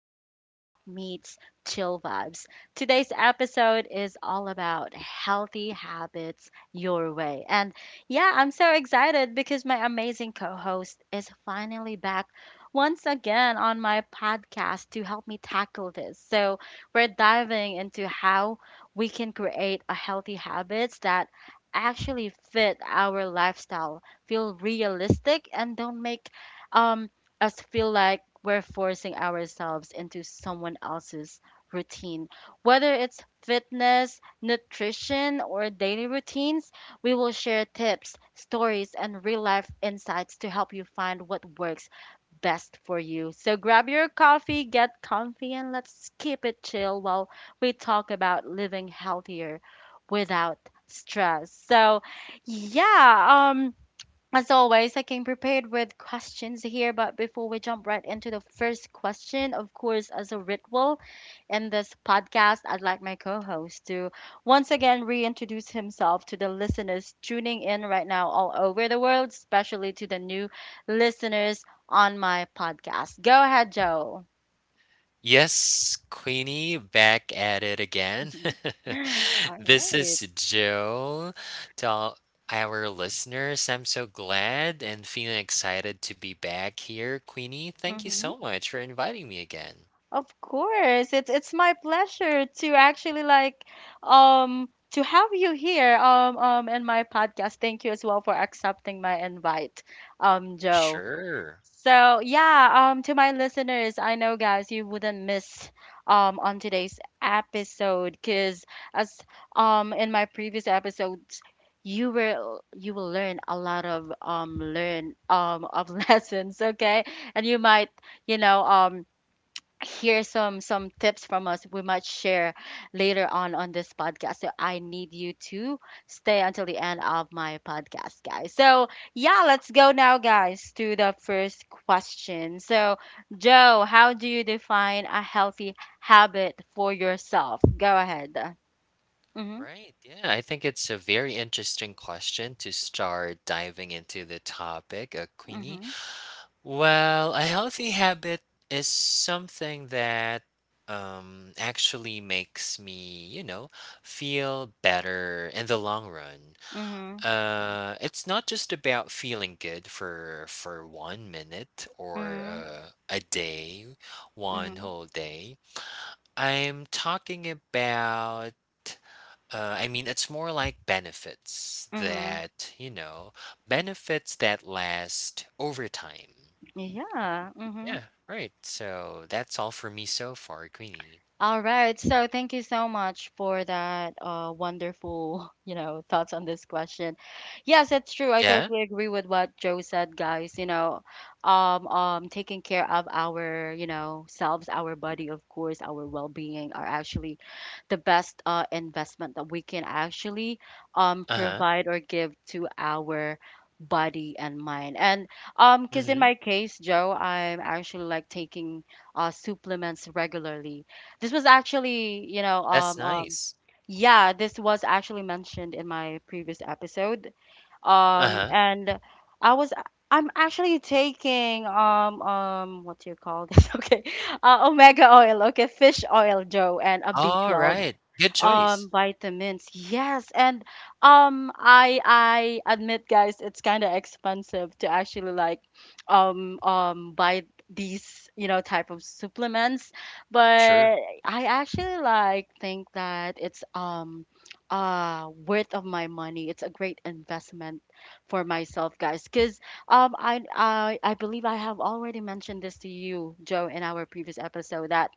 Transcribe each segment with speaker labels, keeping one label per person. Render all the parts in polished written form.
Speaker 1: real talk meets chill vibes. Today's episode is all about healthy habits your way. And yeah, I'm so excited because my amazing co host is finally back once again on my podcast to help me tackle this. So we're diving into how we can create a healthy habits that actually fit our lifestyle feel realistic and don't make um, us feel like we're forcing ourselves into someone else's routine. Whether it's fitness, nutrition, or daily routines, we will share tips, stories, and real life insights to help you find what works best for you. So grab your coffee, get comfy, and let's keep it chill while we talk about living healthier without stress. So, yeah, as always, I came prepared with questions here, but before we jump right into the first question, of course, as a ritual in this podcast, I'd like my co host to once again reintroduce himself to the listeners tuning in right now all over the world, especially to the new listeners on my podcast. Go ahead, Joe.
Speaker 2: Yes, Queenie, back at it again.
Speaker 1: All
Speaker 2: This is Joe. To all our listeners, I'm so glad and feeling excited to be back here. Queenie, thank you so
Speaker 1: right.
Speaker 2: much for inviting me again.
Speaker 1: Of course, it's my pleasure to actually like um to have you here in my podcast. Thank you as well for accepting my invite, Joe.
Speaker 2: Sure.
Speaker 1: So yeah, to my listeners, I know guys you wouldn't miss on today's episode because as in my previous episodes you will learn a lot of learn of lessons, okay? And you might you know um hear some tips from us we might share later on this podcast. So I need you to stay until the end of my podcast, guys. So yeah, let's go now, guys, to the first question. So Joe, how do you define a healthy habit for yourself? Go ahead. Mhm.
Speaker 2: Right. Yeah, I think it's a very interesting question to start diving into the topic, Queenie.
Speaker 1: Mhm.
Speaker 2: Well, a healthy habit is something that actually makes me, you know, feel better in the long run.
Speaker 1: Mhm.
Speaker 2: It's not just about feeling good for 1 minute or
Speaker 1: Mhm.
Speaker 2: a day, one
Speaker 1: Mhm.
Speaker 2: whole day. I'm talking about. I mean, it's more like benefits
Speaker 1: Mhm.
Speaker 2: that, you know, benefits that last over time.
Speaker 1: Yeah. Mhm.
Speaker 2: Yeah, right. So that's all for me so far, Queenie.
Speaker 1: All right. So thank you so much for that wonderful, thoughts on this question. Yes, it's true. I
Speaker 2: Yeah.
Speaker 1: totally agree with what Joe said, guys. Taking care of our selves, our body, of course, our well-being are actually the best investment that we can actually
Speaker 2: Uh huh.
Speaker 1: provide or give to our body and mind. And because in
Speaker 2: Mm-hmm.
Speaker 1: my case, Joe, I'm actually like taking supplements regularly. this was actually, you know,
Speaker 2: That's
Speaker 1: um, um,
Speaker 2: nice.
Speaker 1: yeah, this was actually mentioned in my previous episode.
Speaker 2: Uh
Speaker 1: Um,
Speaker 2: huh.
Speaker 1: and I was, I'm actually taking, what do you call this? Okay, omega oil, okay, fish oil, Joe, and a
Speaker 2: All
Speaker 1: B12
Speaker 2: right. Good choice.
Speaker 1: vitamins. Yes, and I admit, guys, it's kind of expensive to actually like buy these type of supplements.
Speaker 2: Sure.
Speaker 1: But I actually like think that it's worth of my money. It's a great investment for myself, guys, because I believe I have already mentioned this to you, Joe, in our previous episode that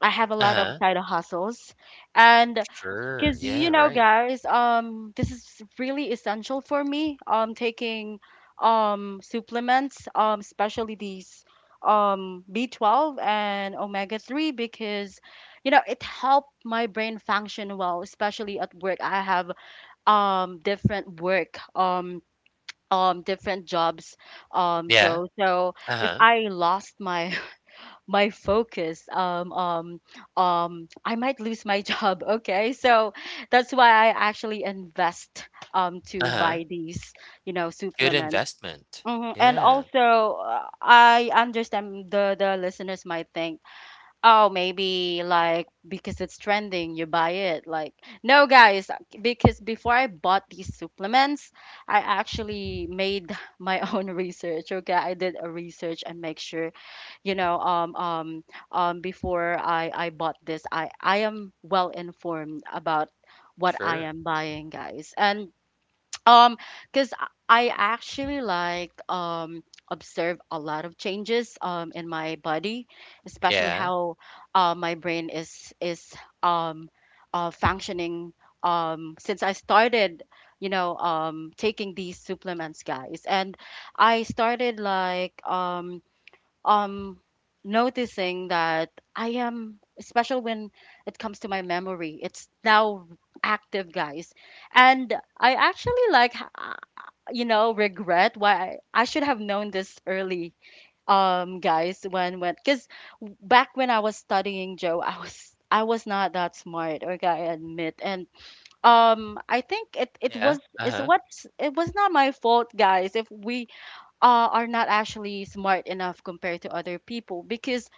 Speaker 1: I have a
Speaker 2: Uh
Speaker 1: lot of
Speaker 2: huh.
Speaker 1: side hustles. And
Speaker 2: Sure.
Speaker 1: because
Speaker 2: Yeah,
Speaker 1: you know,
Speaker 2: right.
Speaker 1: guys, this is really essential for me. Taking supplements, especially these B12 and omega 3 because it helped my brain function well, especially at work. I have um different work um different jobs,
Speaker 2: Yeah.
Speaker 1: Joe. So
Speaker 2: Uh
Speaker 1: if
Speaker 2: huh.
Speaker 1: I lost my focus, I might lose my job. Okay, so that's why I actually invest
Speaker 2: Uh
Speaker 1: to
Speaker 2: huh.
Speaker 1: buy these
Speaker 2: Good
Speaker 1: supplements.
Speaker 2: investment.
Speaker 1: Mhm. And
Speaker 2: Yeah,
Speaker 1: also, I understand the listeners might think, oh, maybe like because it's trending, you buy it. Like, no, guys, because before I bought these supplements, I actually made my own research. Okay, I did a research and make sure, you know, um, um, before I bought this, I am well informed about what I
Speaker 2: sure.
Speaker 1: am buying, guys. And um, because I actually like observe a lot of changes in my body, especially
Speaker 2: Yeah.
Speaker 1: how my brain is um functioning since I started, taking these supplements, guys. And
Speaker 2: Mhm.
Speaker 1: I started like um noticing that I am, especially when it comes to my memory, it's now active, guys. And I actually like regret why I should have known this early, guys. When cuz Back when I was studying, Joe, I was not that smart. Okay, I admit. And I think
Speaker 2: Yeah. Uh huh.
Speaker 1: it was not my fault, guys, if we are not actually smart enough compared to other people. Because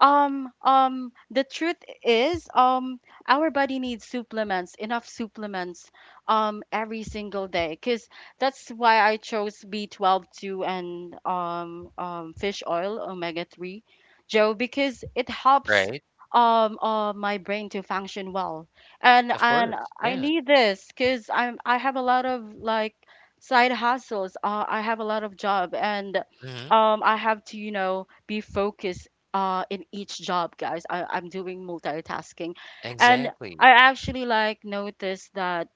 Speaker 1: the truth is, our body needs supplements, enough supplements, every single day. Because that's why I chose B12 too, and fish oil, omega-3, Joe, because it helps
Speaker 2: Right.
Speaker 1: my brain to function well. And
Speaker 2: Of
Speaker 1: and
Speaker 2: course.
Speaker 1: I
Speaker 2: Yeah.
Speaker 1: need this because I have a lot of like side hustles. I have a lot of job. And
Speaker 2: Mm-hmm.
Speaker 1: I have to be focused in each job, guys. I'm doing multitasking. And
Speaker 2: Exactly.
Speaker 1: I actually like noticed that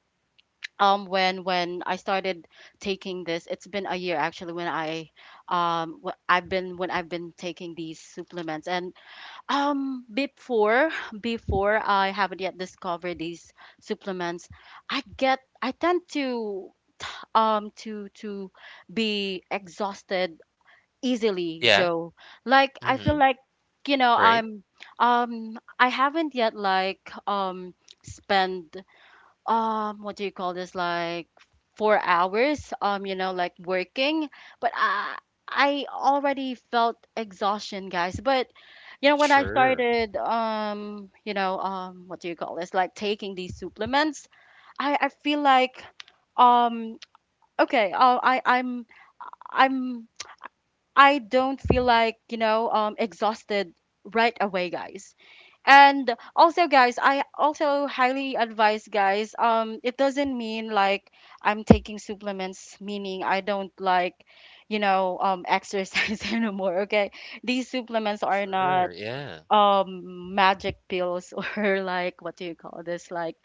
Speaker 1: when I started taking this, it's been a year actually when I've been taking these supplements. And before before I haven't yet discovered these supplements, I tend to um to to be exhausted easily,
Speaker 2: Yeah.
Speaker 1: Joe. Like I
Speaker 2: Mm-hmm.
Speaker 1: feel like you know
Speaker 2: Right.
Speaker 1: I'm I haven't yet like spend what do you call this like 4 hours like working. But I already felt exhaustion, guys. But when I
Speaker 2: Sure.
Speaker 1: started, what do you call this like taking these supplements, I feel like um okay, I I'm I don't feel like exhausted right away, guys. And also, guys, I also highly advise, guys, it doesn't mean like I'm taking supplements, meaning I don't like exercise anymore, okay? These supplements are not
Speaker 2: Sure. Yeah.
Speaker 1: magic pills or like what do you call this like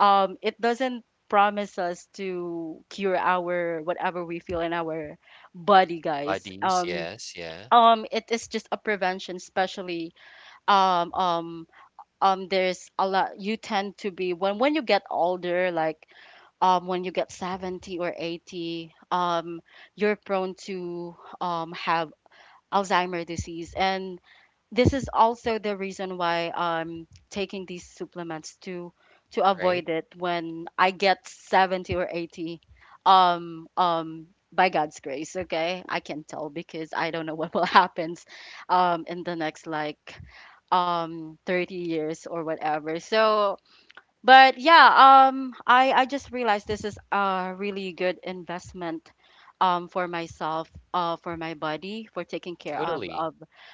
Speaker 1: it doesn't promise us to cure our whatever we feel in our body, guys.
Speaker 2: Bodies. Yes. Yeah.
Speaker 1: It is just a prevention, especially um um there's a lot. You tend to be, when you get older, like when you get 70 or 80, you're prone to have Alzheimer disease. And this is also the reason why I'm taking these supplements to
Speaker 2: Right.
Speaker 1: avoid it when I get 70 or 80, um um by God's grace. Okay, I can tell, because I don't know what will happen in the next like 30 years or whatever. So but yeah, I just realized this is a really good investment, for myself, for my body, for taking care of
Speaker 2: Totally.
Speaker 1: of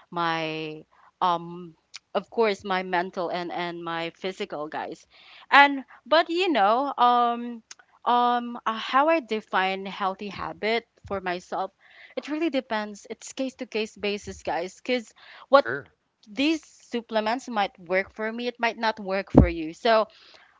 Speaker 1: my um, of course, my mental and my physical, guys. And but how I define healthy habit for myself, it really depends. It's case to case basis, guys, because what
Speaker 2: Sure,
Speaker 1: these supplements might work for me, it might not work for you. So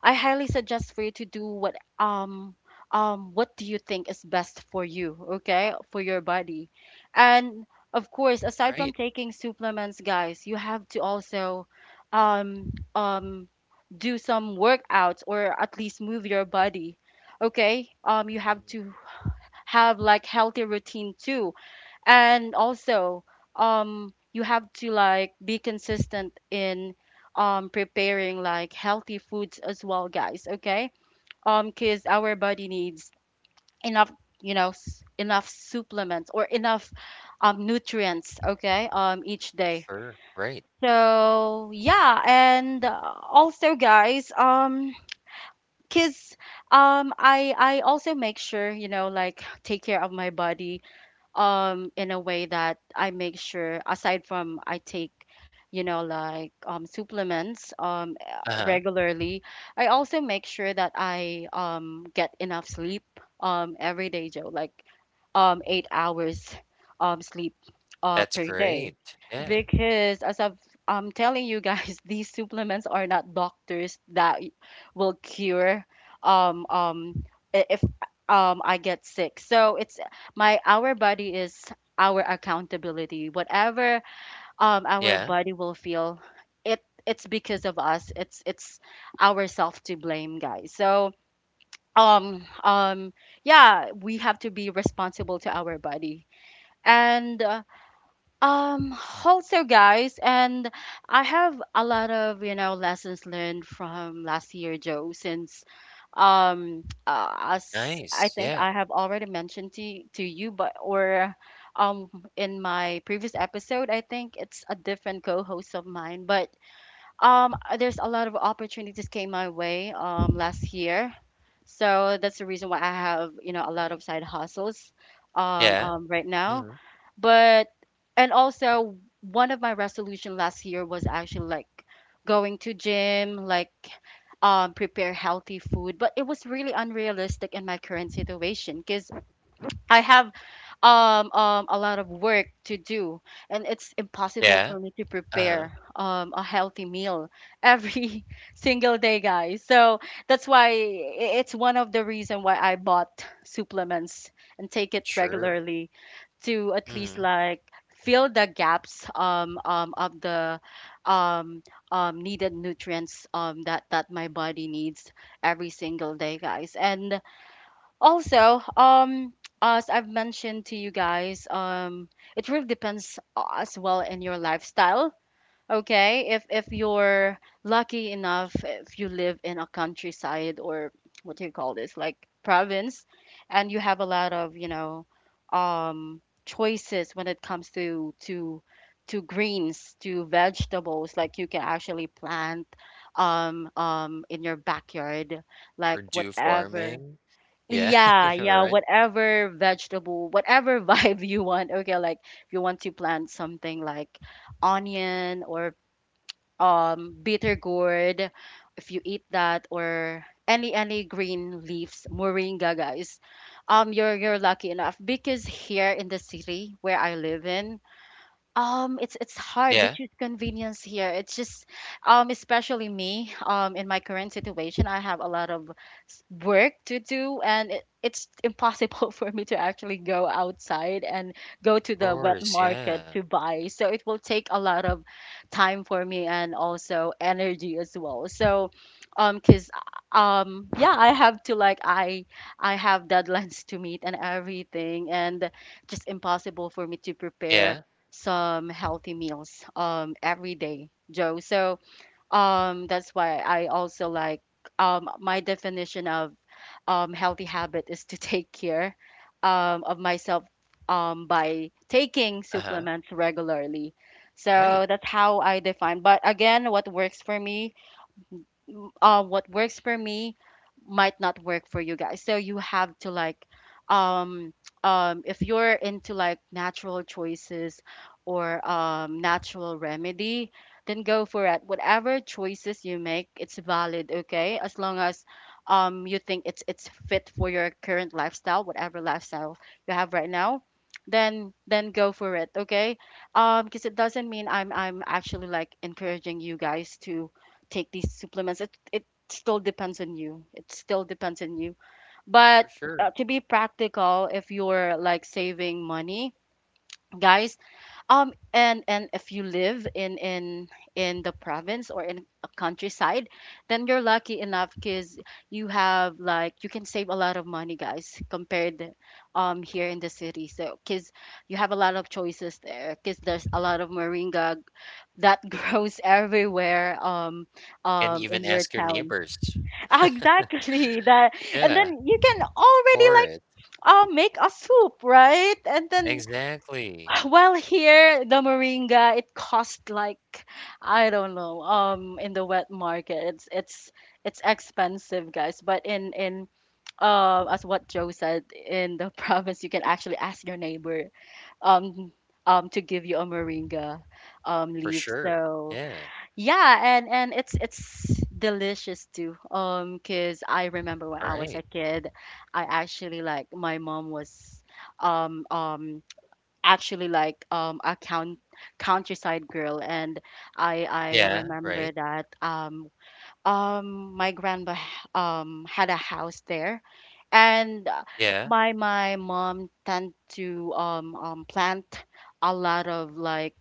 Speaker 1: I highly suggest for you to do what do you think is best for you, okay? For your body. And of course, aside from
Speaker 2: right.
Speaker 1: taking supplements, guys, you have to also um um do some workouts or at least move your body. Okay? You have
Speaker 2: Mhm,
Speaker 1: to have like healthy routine too, and also you have to like be consistent in preparing like healthy foods as well, guys, okay. Because our body needs enough, enough supplements or enough nutrients, okay, each day.
Speaker 2: sure, right.
Speaker 1: So yeah, and also, guys, because I also make sure, you know, like take care of my body in a way that I make sure aside from I take, you know, like supplements
Speaker 2: Uh-huh,
Speaker 1: regularly. I also make sure that I get enough sleep every day, Joe, like 8 hours sleep
Speaker 2: that's
Speaker 1: per day,
Speaker 2: great. Yeah,
Speaker 1: because I'm telling you guys these supplements are not doctors that will cure um um if I get sick. So it's my our body is our accountability, whatever, our
Speaker 2: yeah,
Speaker 1: body will feel it. It's because of us. It's ourself to blame, guys. So um um yeah, we have to be responsible to our body. And um, also, guys, and I have a lot of, you know, lessons learned from last year, Joe, since as I
Speaker 2: nice,
Speaker 1: think
Speaker 2: yeah,
Speaker 1: I have already mentioned to you, but or um in my previous episode, I think it's a different co-host of mine. But there's a lot of opportunities came my way last year, so that's the reason why I have, you know, a lot of
Speaker 2: right.
Speaker 1: side hustles
Speaker 2: Yeah,
Speaker 1: right now.
Speaker 2: mhm,
Speaker 1: But and also one of my resolution last year was actually like going to gym, like prepare healthy food, but it was really unrealistic in my current situation because I have a lot of work to do, and it's impossible
Speaker 2: yeah,
Speaker 1: for me to
Speaker 2: uh-huh,
Speaker 1: prepare a healthy meal every single day, guys. So that's why it's one of the reason why I bought supplements and take it
Speaker 2: sure,
Speaker 1: regularly, to at least
Speaker 2: mhm,
Speaker 1: like fill the gaps of the um, needed nutrients, that my body needs every single day, guys. And also, as I've mentioned to you guys, it really depends as well in your lifestyle. Okay, if you're lucky enough, if you live in a countryside or what do you call this, like province, and you have a lot of, you know, choices when it comes to to greens, to vegetables, like you can actually plant in your backyard,
Speaker 2: or
Speaker 1: like
Speaker 2: do
Speaker 1: whatever.
Speaker 2: farming. Yeah,
Speaker 1: Yeah, yeah,
Speaker 2: right.
Speaker 1: whatever vegetable, whatever vibe you want. Okay, like if you want to plant something like onion or bitter gourd, if you eat that, or any green leaves, moringa, guys, you're lucky enough, because here in the city where I live in, it's hard,
Speaker 2: Yeah,
Speaker 1: which is convenience here. It's just, especially me, in my current situation, I have a lot of work to do, and it's impossible for me to actually go outside and go to
Speaker 2: of
Speaker 1: the wet
Speaker 2: course,
Speaker 1: market
Speaker 2: yeah,
Speaker 1: to buy. So it will take a lot of time for me, and also energy as well. So, cause yeah, I have to like I have deadlines to meet and everything, and just impossible for me to prepare
Speaker 2: yeah,
Speaker 1: some healthy meals every day, Joe. So that's why I also like my definition of healthy habit is to take care of myself by taking
Speaker 2: uh-huh,
Speaker 1: supplements regularly.
Speaker 2: right,
Speaker 1: So that's how I define. But again, what works for me what works for me might not work for you guys. So you have to like, um, if you're into like natural choices or natural remedy, then go for it. Whatever choices you make, it's valid, okay? As long as you think it's fit for your current lifestyle, whatever lifestyle you have right now, then go for it, okay? Because it doesn't mean I'm actually like encouraging you guys to take these supplements. It still depends on you. It still depends on you.
Speaker 2: for
Speaker 1: But
Speaker 2: sure.
Speaker 1: to be practical, if you're like saving money, guys, and if you live in in the province or in a countryside, then you're lucky enough, because you have like you can save a lot of money, guys, compared here in the city. So because you have a lot of choices there, because there's a lot of moringa that grows everywhere
Speaker 2: Can even
Speaker 1: in your
Speaker 2: ask your
Speaker 1: town.
Speaker 2: neighbors.
Speaker 1: Exactly that, and
Speaker 2: Yeah,
Speaker 1: then you can already
Speaker 2: for
Speaker 1: like
Speaker 2: it.
Speaker 1: make a soup, right? And then
Speaker 2: Exactly,
Speaker 1: well, here the moringa, it cost like, I don't know, in the wet market it's it's expensive, guys, but in as what Joe said, in the province you can actually ask your neighbor um to give you a moringa
Speaker 2: for
Speaker 1: leaf.
Speaker 2: sure.
Speaker 1: So
Speaker 2: Yeah,
Speaker 1: yeah, and it's delicious too. 'Cause I remember when I was a
Speaker 2: right.
Speaker 1: kid, I actually like my mom was um um actually like a countryside girl, and I
Speaker 2: Yeah,
Speaker 1: remember
Speaker 2: right.
Speaker 1: that my grandpa had a house there. And
Speaker 2: Yeah,
Speaker 1: my mom tend to plant a lot of like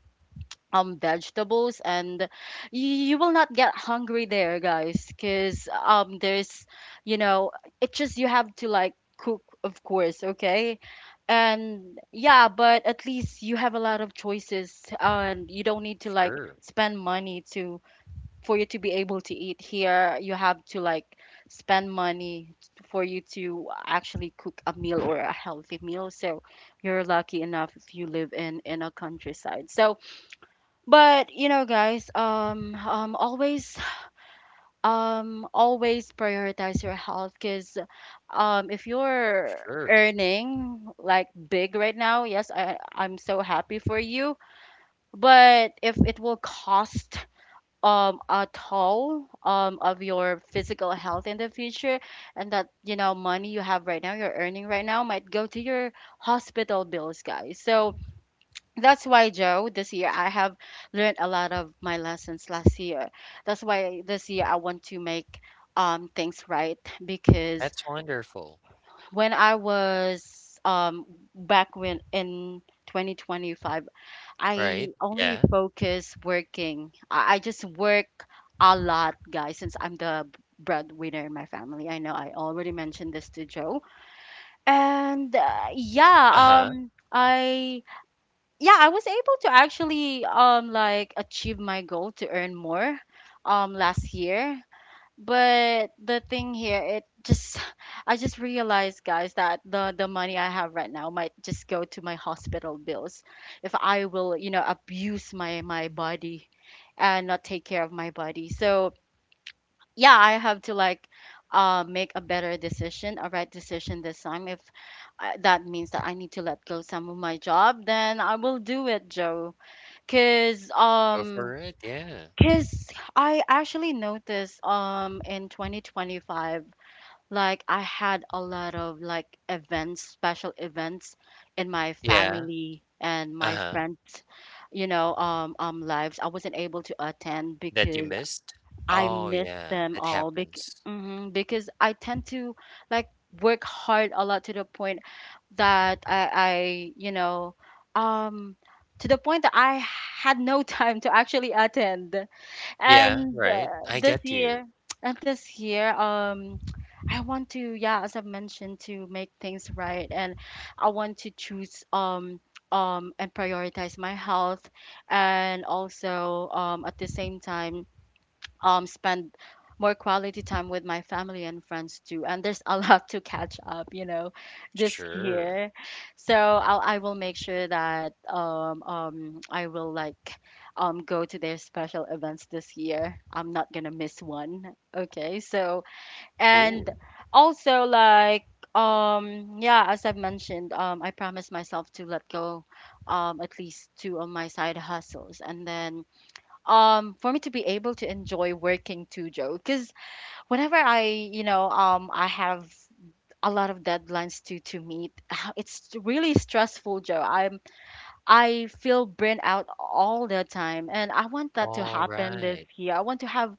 Speaker 1: vegetables, and you will not get hungry there, guys, because there's, you know, it just you have to like cook, of course, okay, and yeah, but at least you have a lot of choices and you don't need to like
Speaker 2: sure,
Speaker 1: spend money to, for you to be able to eat. Here you have to like spend money for you to actually cook a meal or a healthy meal. So you're lucky enough if you live in a countryside. So but you know, guys, always, always prioritize your health, because if you're
Speaker 2: sure.
Speaker 1: earning like big right now, yes, I'm so happy for you. But if it will cost, a toll, of your physical health in the future, and that, you know, money you have right now, you're earning right now, might go to your hospital bills, guys. So that's why, Joe, this year I have learned a lot of my lessons last year. That's why this year I want to make things right, because
Speaker 2: That's wonderful,
Speaker 1: when I was back when in 2025, I
Speaker 2: right? Yeah.
Speaker 1: only focus working. I just work a lot, guys, since I'm the breadwinner in my family. I know I already mentioned this to Joe. And yeah,
Speaker 2: Uh-huh.
Speaker 1: I yeah, I was able to actually like achieve my goal to earn more last year. But the thing here, it just I just realized, guys, that the money I have right now might just go to my hospital bills if I will, you know, abuse my body and not take care of my body. So yeah, I have to like make a better decision, a right decision this time. If that means that I need to let go some of my job, then I will do it, Joe. Cause
Speaker 2: Go for it, yeah.
Speaker 1: cause I actually noticed in 2025, like I had a lot of like events, special events in my
Speaker 2: Yeah,
Speaker 1: family and my
Speaker 2: uh-huh.
Speaker 1: friends, you know, lives. I wasn't able to attend
Speaker 2: That you
Speaker 1: because
Speaker 2: missed?
Speaker 1: I
Speaker 2: Oh,
Speaker 1: miss
Speaker 2: yeah,
Speaker 1: them
Speaker 2: it
Speaker 1: all
Speaker 2: happens.
Speaker 1: mhm, because I tend to like work hard a lot to the point I, you know, um, to the point that I had no time to actually attend.
Speaker 2: Yeah,
Speaker 1: And
Speaker 2: right. I
Speaker 1: this
Speaker 2: get you.
Speaker 1: year, and this year, I want to, yeah, as I mentioned, to make things right, and I want to choose, and prioritize my health, and also, at the same time spend more quality time with my family and friends too. And there's a lot to catch up, you know, this
Speaker 2: Sure.
Speaker 1: year. So I will make sure that I will like go to their special events this year. I'm not gonna miss one, okay? So and
Speaker 2: Cool.
Speaker 1: also like yeah, as I've mentioned, I promised myself to let go at least two of my side hustles, and then for me to be able to enjoy working too, Joe. Because whenever I, you know, I have a lot of deadlines to meet, it's really stressful, Joe. I feel burnt out all the time, and I want that to
Speaker 2: All
Speaker 1: happen this
Speaker 2: right.
Speaker 1: year. I want to have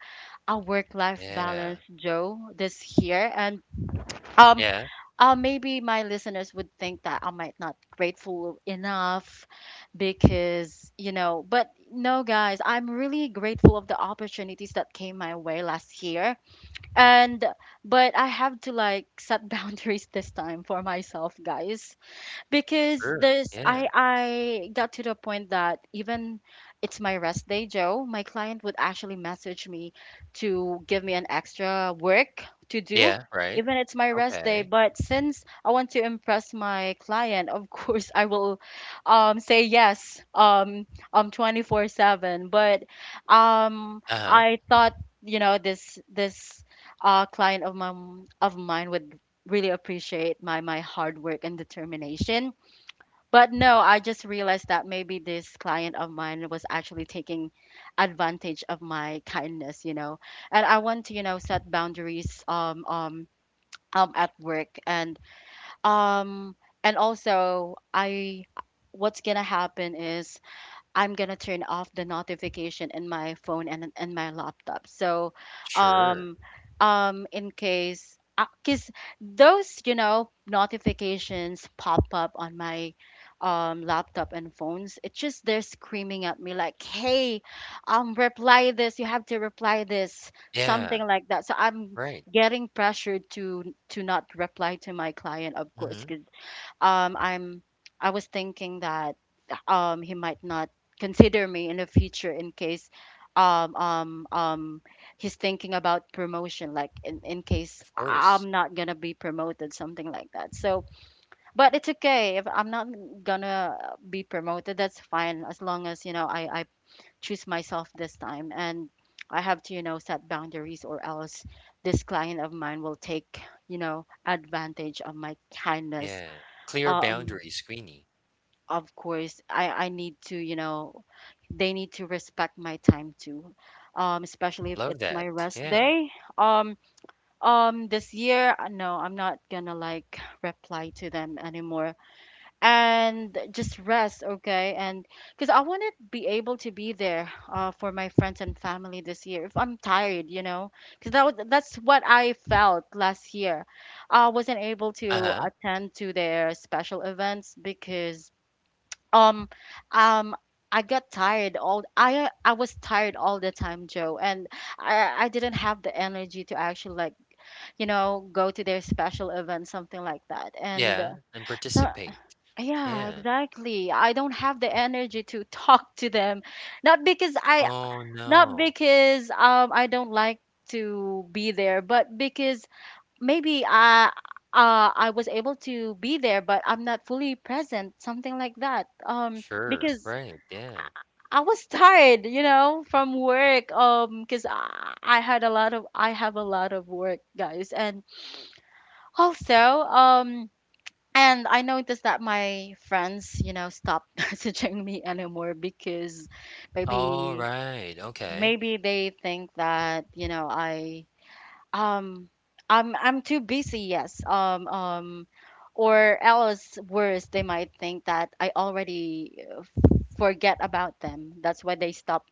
Speaker 1: a work life
Speaker 2: Yeah.
Speaker 1: balance, Joe, this year. And um
Speaker 2: Yeah,
Speaker 1: maybe my listeners would think that I might not grateful enough, because, you know, but no, guys, I'm really grateful of the opportunities that came my way last year. And but I have to like set boundaries this time for myself, guys, because
Speaker 2: sure.
Speaker 1: there's,
Speaker 2: Yeah.
Speaker 1: I got to the point that even it's my rest day, Joe, my client would actually message me to give me an extra work to do.
Speaker 2: Yeah, right.
Speaker 1: Even it's my rest day,
Speaker 2: Okay.
Speaker 1: but since I want to impress my client, of course I will say yes 24/7. But
Speaker 2: Uh-huh.
Speaker 1: I thought, you know, this client of my of mine would really appreciate my hard work and determination. But no, I just realized that maybe this client of mine was actually taking advantage of my kindness, you know. And I want to, you know, set boundaries at work. And um and also I what's gonna happen is I'm gonna turn off the notification in my phone and my laptop. So,
Speaker 2: Sure.
Speaker 1: um, in case, because those, you know, notifications pop up on my laptop and phones, it's just they're screaming at me like, "Hey, reply this. You have to reply this,"
Speaker 2: Yeah,
Speaker 1: something like that. So I'm
Speaker 2: right.
Speaker 1: getting pressured to not reply to my client, of course,
Speaker 2: Mhm.
Speaker 1: because um I'm I was thinking that he might not consider me in the future in case um um um he's thinking about promotion like in case
Speaker 2: Of course.
Speaker 1: I'm not gonna be promoted, something like that. So but it's okay if I'm not gonna be promoted, that's fine, as long as you know I choose myself this time, and I have to you know set boundaries, or else this client of mine will take you know advantage of my kindness.
Speaker 2: Yeah. Clear
Speaker 1: um
Speaker 2: boundaries, Queenie.
Speaker 1: of course I need to you know they need to respect my time too, especially if
Speaker 2: Love
Speaker 1: it's my
Speaker 2: that.
Speaker 1: rest
Speaker 2: Yeah.
Speaker 1: day. um this year, no, I'm not gonna like reply to them anymore and just rest, okay. And because I want to be able to be there, for my friends and family this year if I'm tired, you know, because that's what I felt last year. I wasn't able to
Speaker 2: Uh-huh.
Speaker 1: attend to their special events because um um I got tired all I was tired all the time, Joe, and I didn't have the energy to actually like, you know, go to their special event, something like that. And
Speaker 2: Yeah, and
Speaker 1: so
Speaker 2: participate.
Speaker 1: yeah,
Speaker 2: Yeah.
Speaker 1: exactly. I don't have the energy to talk to them. Not because I
Speaker 2: Oh,
Speaker 1: Not
Speaker 2: no.
Speaker 1: because I don't like to be there, but because maybe I was able to be there, but I'm not fully present, something like that. Um,
Speaker 2: Sure,
Speaker 1: because
Speaker 2: right, yeah.
Speaker 1: I was tired, you know, from work. Because I have a lot of work, guys, and also and I noticed that my friends, you know, stopped messaging me anymore because
Speaker 2: All
Speaker 1: maybe
Speaker 2: right. Okay.
Speaker 1: maybe they think that you know um I'm too busy. Yes. Or else, worse, they might think that I already forget about them. That's why they stop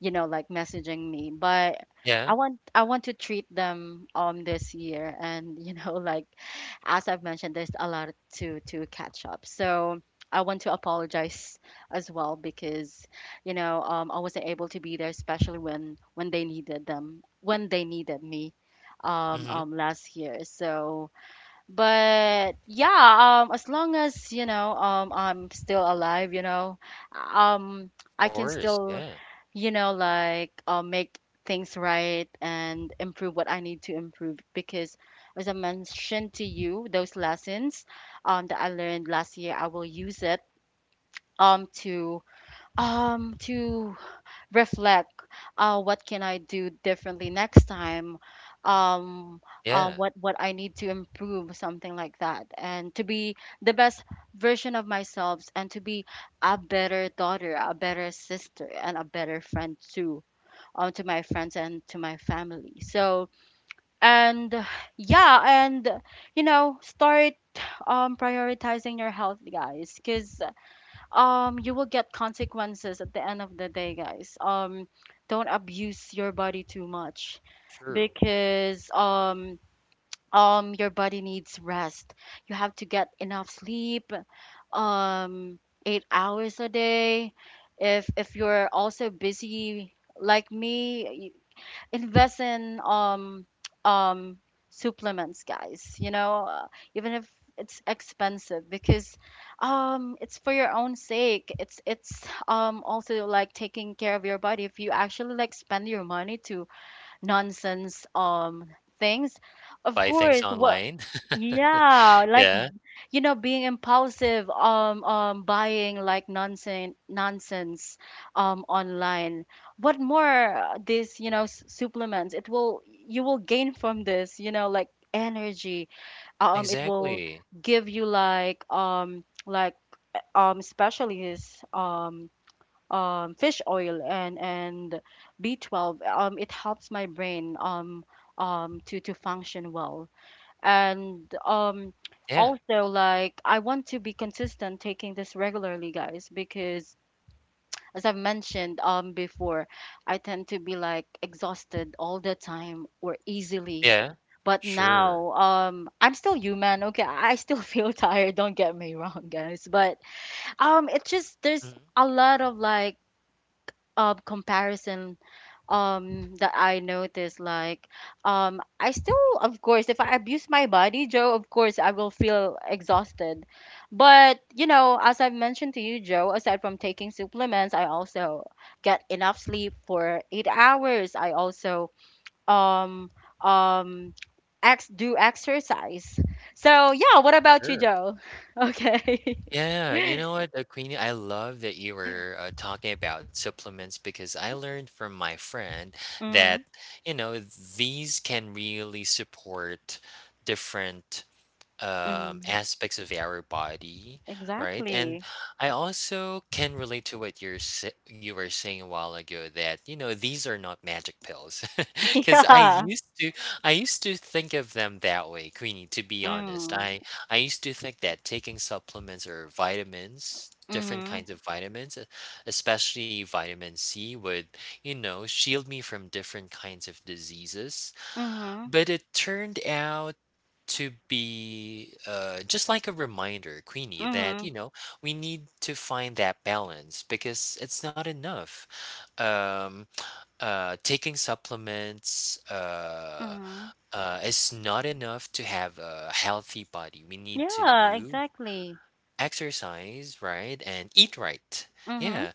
Speaker 1: you know like messaging me. But
Speaker 2: Yeah,
Speaker 1: I want to treat them this year, and you know like as I've mentioned there's a lot to catch up. So I want to apologize as well because you know I wasn't able to be there, especially when they needed me,
Speaker 2: mhm, of
Speaker 1: last year. So but yeah, as long as you know I'm still alive, you know, um I can
Speaker 2: course,
Speaker 1: still
Speaker 2: yeah,
Speaker 1: you know like make things right and improve what I need to improve, because as I mentioned to you, those lessons that I learned last year I will use it um to to reflect, what can I do differently next time,
Speaker 2: right.
Speaker 1: um
Speaker 2: Yeah,
Speaker 1: what I need to improve, something like that. And to be the best version of myself, and to be a better daughter, a better sister, and a better friend too, to my friends and to my family. So and yeah. And you know start prioritizing your health, guys, because you will get consequences at the end of the day, guys. Don't abuse your body too much,
Speaker 2: true.
Speaker 1: because your body needs rest, you have to get enough sleep, um 8 hours a day. If you're also busy like me, invest in um supplements, guys, you know. Even if it's expensive, because it's for your own sake, it's also like taking care of your body. If you actually like spend your money to nonsense things, of
Speaker 2: Buy things
Speaker 1: course, what.
Speaker 2: online.
Speaker 1: Yeah, like
Speaker 2: Yeah,
Speaker 1: you know being impulsive, buying like nonsense online. What more, this you know supplements, it will you will gain from this you know like energy, it will
Speaker 2: exactly.
Speaker 1: give you like especially this fish oil and B12, it helps my brain to function well. And
Speaker 2: Yeah,
Speaker 1: also like I want to be consistent taking this regularly, guys, because as I've mentioned before, I tend to be like exhausted all the time, or easily.
Speaker 2: yeah,
Speaker 1: But
Speaker 2: sure.
Speaker 1: now I'm still human, okay. I still feel tired, don't get me wrong, guys. But it just there's
Speaker 2: Mhm,
Speaker 1: a lot of like comparison that I noticed, like I still, of course, if I abuse my body, Joe, of course I will feel exhausted. But you know, as I've mentioned to you, Joe, aside from taking supplements I also get enough sleep for 8 hours, I also um um do exercise. So yeah, what about you,
Speaker 2: sure.
Speaker 1: Joe? Okay.
Speaker 2: Yeah, you know what, Queenie, I love that you were, talking about supplements because I learned from my friend that,
Speaker 1: mm,
Speaker 2: you know, these can really support different
Speaker 1: mm,
Speaker 2: aspects of our body, right? And
Speaker 1: exactly.
Speaker 2: I also can relate to what you're you were saying a while ago that you know these are not magic pills, because I
Speaker 1: Yeah.
Speaker 2: used to I used to think of them that way, Queenie. To be honest,
Speaker 1: mm,
Speaker 2: I used to think that taking supplements or vitamins, different
Speaker 1: mhm.
Speaker 2: kinds of vitamins, especially vitamin C, would you know shield me from different kinds of diseases,
Speaker 1: Mhm.
Speaker 2: but it turned out to be just like a reminder, Queenie, that you
Speaker 1: Mhm.
Speaker 2: know we need to find that balance because it's not enough. Um, Taking supplements
Speaker 1: Mhm.
Speaker 2: is not enough to have a healthy body. We need to
Speaker 1: Yeah,
Speaker 2: move,
Speaker 1: exactly.
Speaker 2: exercise, right, and eat right.
Speaker 1: Mhm.
Speaker 2: Yeah,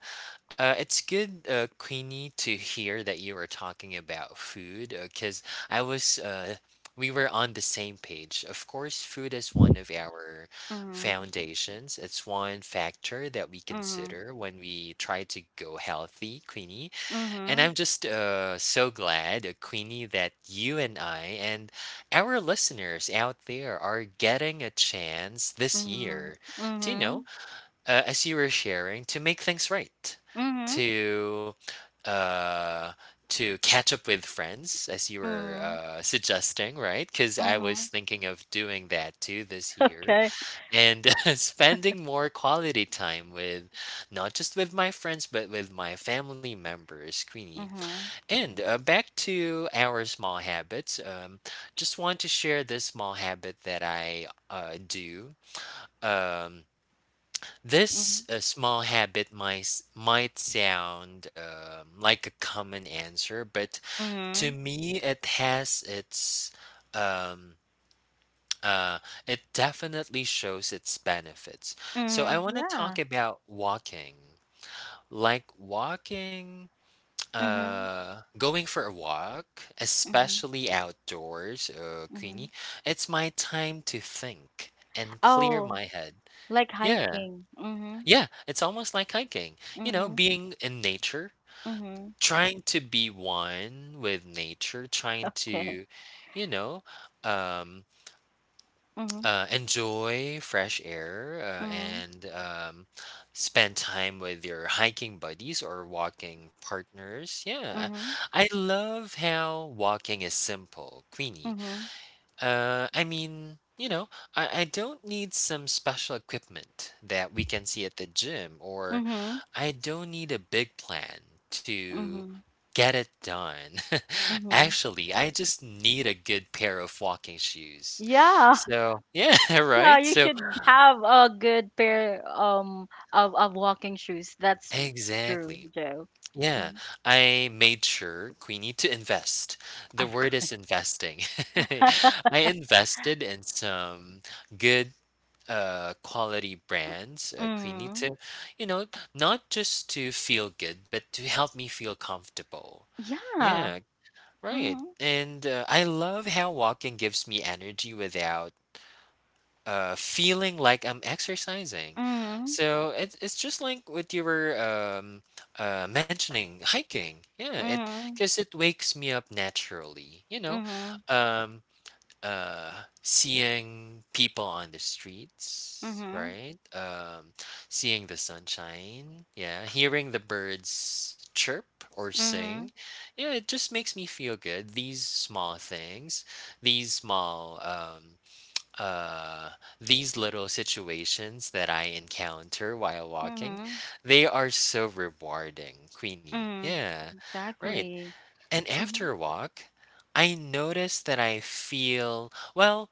Speaker 2: it's good, Queenie, to hear that you were talking about food, because I was, uh, we were on the same page. Of course, food is one of our
Speaker 1: Mhm.
Speaker 2: foundations. It's one factor that we
Speaker 1: Mhm.
Speaker 2: consider when we try to go healthy, Queenie. And I'm
Speaker 1: Mhm.
Speaker 2: just so glad, Queenie, that you and I and our listeners out there are getting a chance this
Speaker 1: Mhm.
Speaker 2: year to, you know,
Speaker 1: Mhm.
Speaker 2: as you were sharing, to make things right,
Speaker 1: Mhm.
Speaker 2: to uh, to catch up with friends, as you were
Speaker 1: Mhm.
Speaker 2: suggesting, right? Because I was
Speaker 1: Mhm.
Speaker 2: thinking of doing that too this year,
Speaker 1: Okay.
Speaker 2: and spending more quality time with, not just with my friends but with my family members, Queenie.
Speaker 1: Mhm.
Speaker 2: And back to our small habits. Just want to share this small habit that I do. Um,
Speaker 1: Mhm.
Speaker 2: this small habit might might sound like a common answer, but to
Speaker 1: Mhm.
Speaker 2: me, it has its um, uh, it definitely shows its benefits. So I
Speaker 1: Mhm.
Speaker 2: want to talk
Speaker 1: Yeah.
Speaker 2: about walking, like walking,
Speaker 1: Mhm.
Speaker 2: going for a walk,
Speaker 1: Mhm.
Speaker 2: especially outdoors,
Speaker 1: Mhm.
Speaker 2: Queenie. It's my time to think and clear
Speaker 1: Oh,
Speaker 2: my head.
Speaker 1: like
Speaker 2: Yeah,
Speaker 1: hiking. Mhm.
Speaker 2: Yeah, it's almost like hiking. You know,
Speaker 1: Mhm.
Speaker 2: being in nature,
Speaker 1: Mhm.
Speaker 2: trying to be one with nature, trying
Speaker 1: Okay.
Speaker 2: to, you know, um,
Speaker 1: Mhm.
Speaker 2: enjoy fresh air
Speaker 1: Mhm.
Speaker 2: and spend time with your hiking buddies or walking partners. Yeah,
Speaker 1: Mhm.
Speaker 2: I love how walking is simple, Queenie.
Speaker 1: Mhm.
Speaker 2: I mean, you know, I don't need some special equipment that we can see at the gym, or
Speaker 1: Mhm.
Speaker 2: I don't need a big plan to
Speaker 1: Mhm.
Speaker 2: get it done.
Speaker 1: Mhm.
Speaker 2: Actually, I just need a good pair of walking shoes.
Speaker 1: Yeah.
Speaker 2: So, yeah,
Speaker 1: Yeah,
Speaker 2: right?
Speaker 1: you
Speaker 2: So,
Speaker 1: should have a good pair of walking shoes. That's true,
Speaker 2: exactly.
Speaker 1: Joe.
Speaker 2: Yeah,
Speaker 1: Hmm.
Speaker 2: I made sure we need to invest.
Speaker 1: Of
Speaker 2: The word
Speaker 1: course.
Speaker 2: is investing. I invested in some good quality brands, we need
Speaker 1: Mm-hmm.
Speaker 2: to, you know, not just to feel good but to help me feel comfortable,
Speaker 1: Yeah.
Speaker 2: yeah, right.
Speaker 1: Mm-hmm.
Speaker 2: And I love how walking gives me energy without feeling like I'm exercising.
Speaker 1: Mm-hmm.
Speaker 2: So it's just like what you were mentioning, hiking. Yeah, it, because it wakes me up naturally. You know,
Speaker 1: Mm-hmm.
Speaker 2: um, uh, seeing people on the
Speaker 1: Mm-hmm.
Speaker 2: streets,
Speaker 1: Mm-hmm.
Speaker 2: right? Seeing the sunshine. Yeah, hearing the birds chirp or sing.
Speaker 1: Mm-hmm.
Speaker 2: Yeah, it just makes me feel good. These small things, these small um, uh, these little situations that I encounter while walking,
Speaker 1: Mm-hmm.
Speaker 2: they are so rewarding, Queenie.
Speaker 1: Mm-hmm.
Speaker 2: Yeah, right.
Speaker 1: Exactly.
Speaker 2: And
Speaker 1: Mm-hmm.
Speaker 2: after a walk, I notice that I feel, well,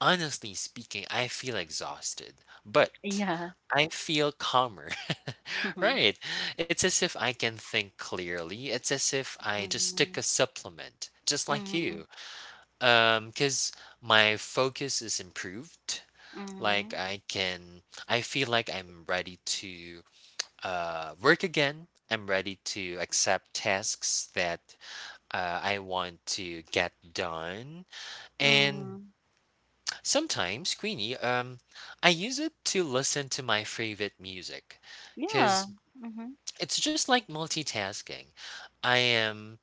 Speaker 2: honestly speaking, I feel exhausted, but
Speaker 1: Yeah.
Speaker 2: I feel calmer.
Speaker 1: Mm-hmm.
Speaker 2: Right. It's as if I can think clearly. It's as if I just took
Speaker 1: Mm-hmm.
Speaker 2: a supplement, just like
Speaker 1: Mm-hmm.
Speaker 2: you. Cuz my focus is improved,
Speaker 1: Mm-hmm.
Speaker 2: like, I feel like I'm ready to work again. I'm ready to accept tasks that I want to get done. And
Speaker 1: Mm-hmm.
Speaker 2: sometimes, Queenie, I use it to listen to my favorite music
Speaker 1: Yeah.
Speaker 2: because
Speaker 1: Mm-hmm.
Speaker 2: it's just like multitasking. I am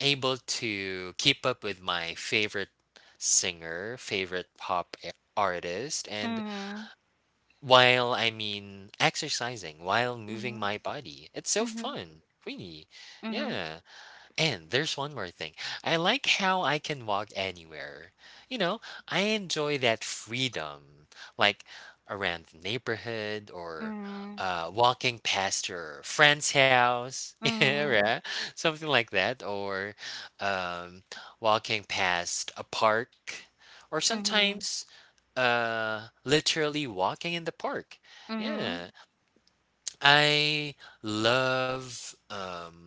Speaker 2: able to keep up with my favorite singer, favorite pop artist, and,
Speaker 1: Mm-hmm.
Speaker 2: while, I mean, exercising, while moving
Speaker 1: Mm-hmm.
Speaker 2: my body. It's so
Speaker 1: Mm-hmm.
Speaker 2: fun. Really.
Speaker 1: Mm-hmm.
Speaker 2: Yeah. And there's one more thing. I like how I can walk anywhere. You know, I enjoy that freedom, like around the neighborhood or
Speaker 1: Mm-hmm.
Speaker 2: walking past your friend's house. Yeah,
Speaker 1: Mm-hmm.
Speaker 2: right? Something like that. Or um, walking past a park. Or
Speaker 1: Mm-hmm.
Speaker 2: sometimes literally walking in the park,
Speaker 1: Mm-hmm.
Speaker 2: yeah. I love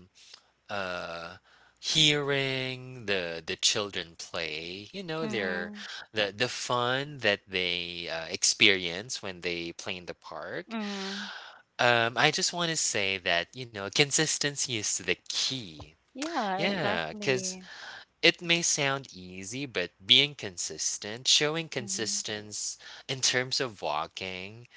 Speaker 2: uh hearing the children play, you know, their,
Speaker 1: Mhm.
Speaker 2: the fun that they experience when they play in the park.
Speaker 1: Mhm.
Speaker 2: I just want to say that you know consistency is the key,
Speaker 1: Yeah,
Speaker 2: yeah, cuz
Speaker 1: exactly.
Speaker 2: it may sound easy, but being consistent, showing
Speaker 1: Mhm.
Speaker 2: consistency in terms of walking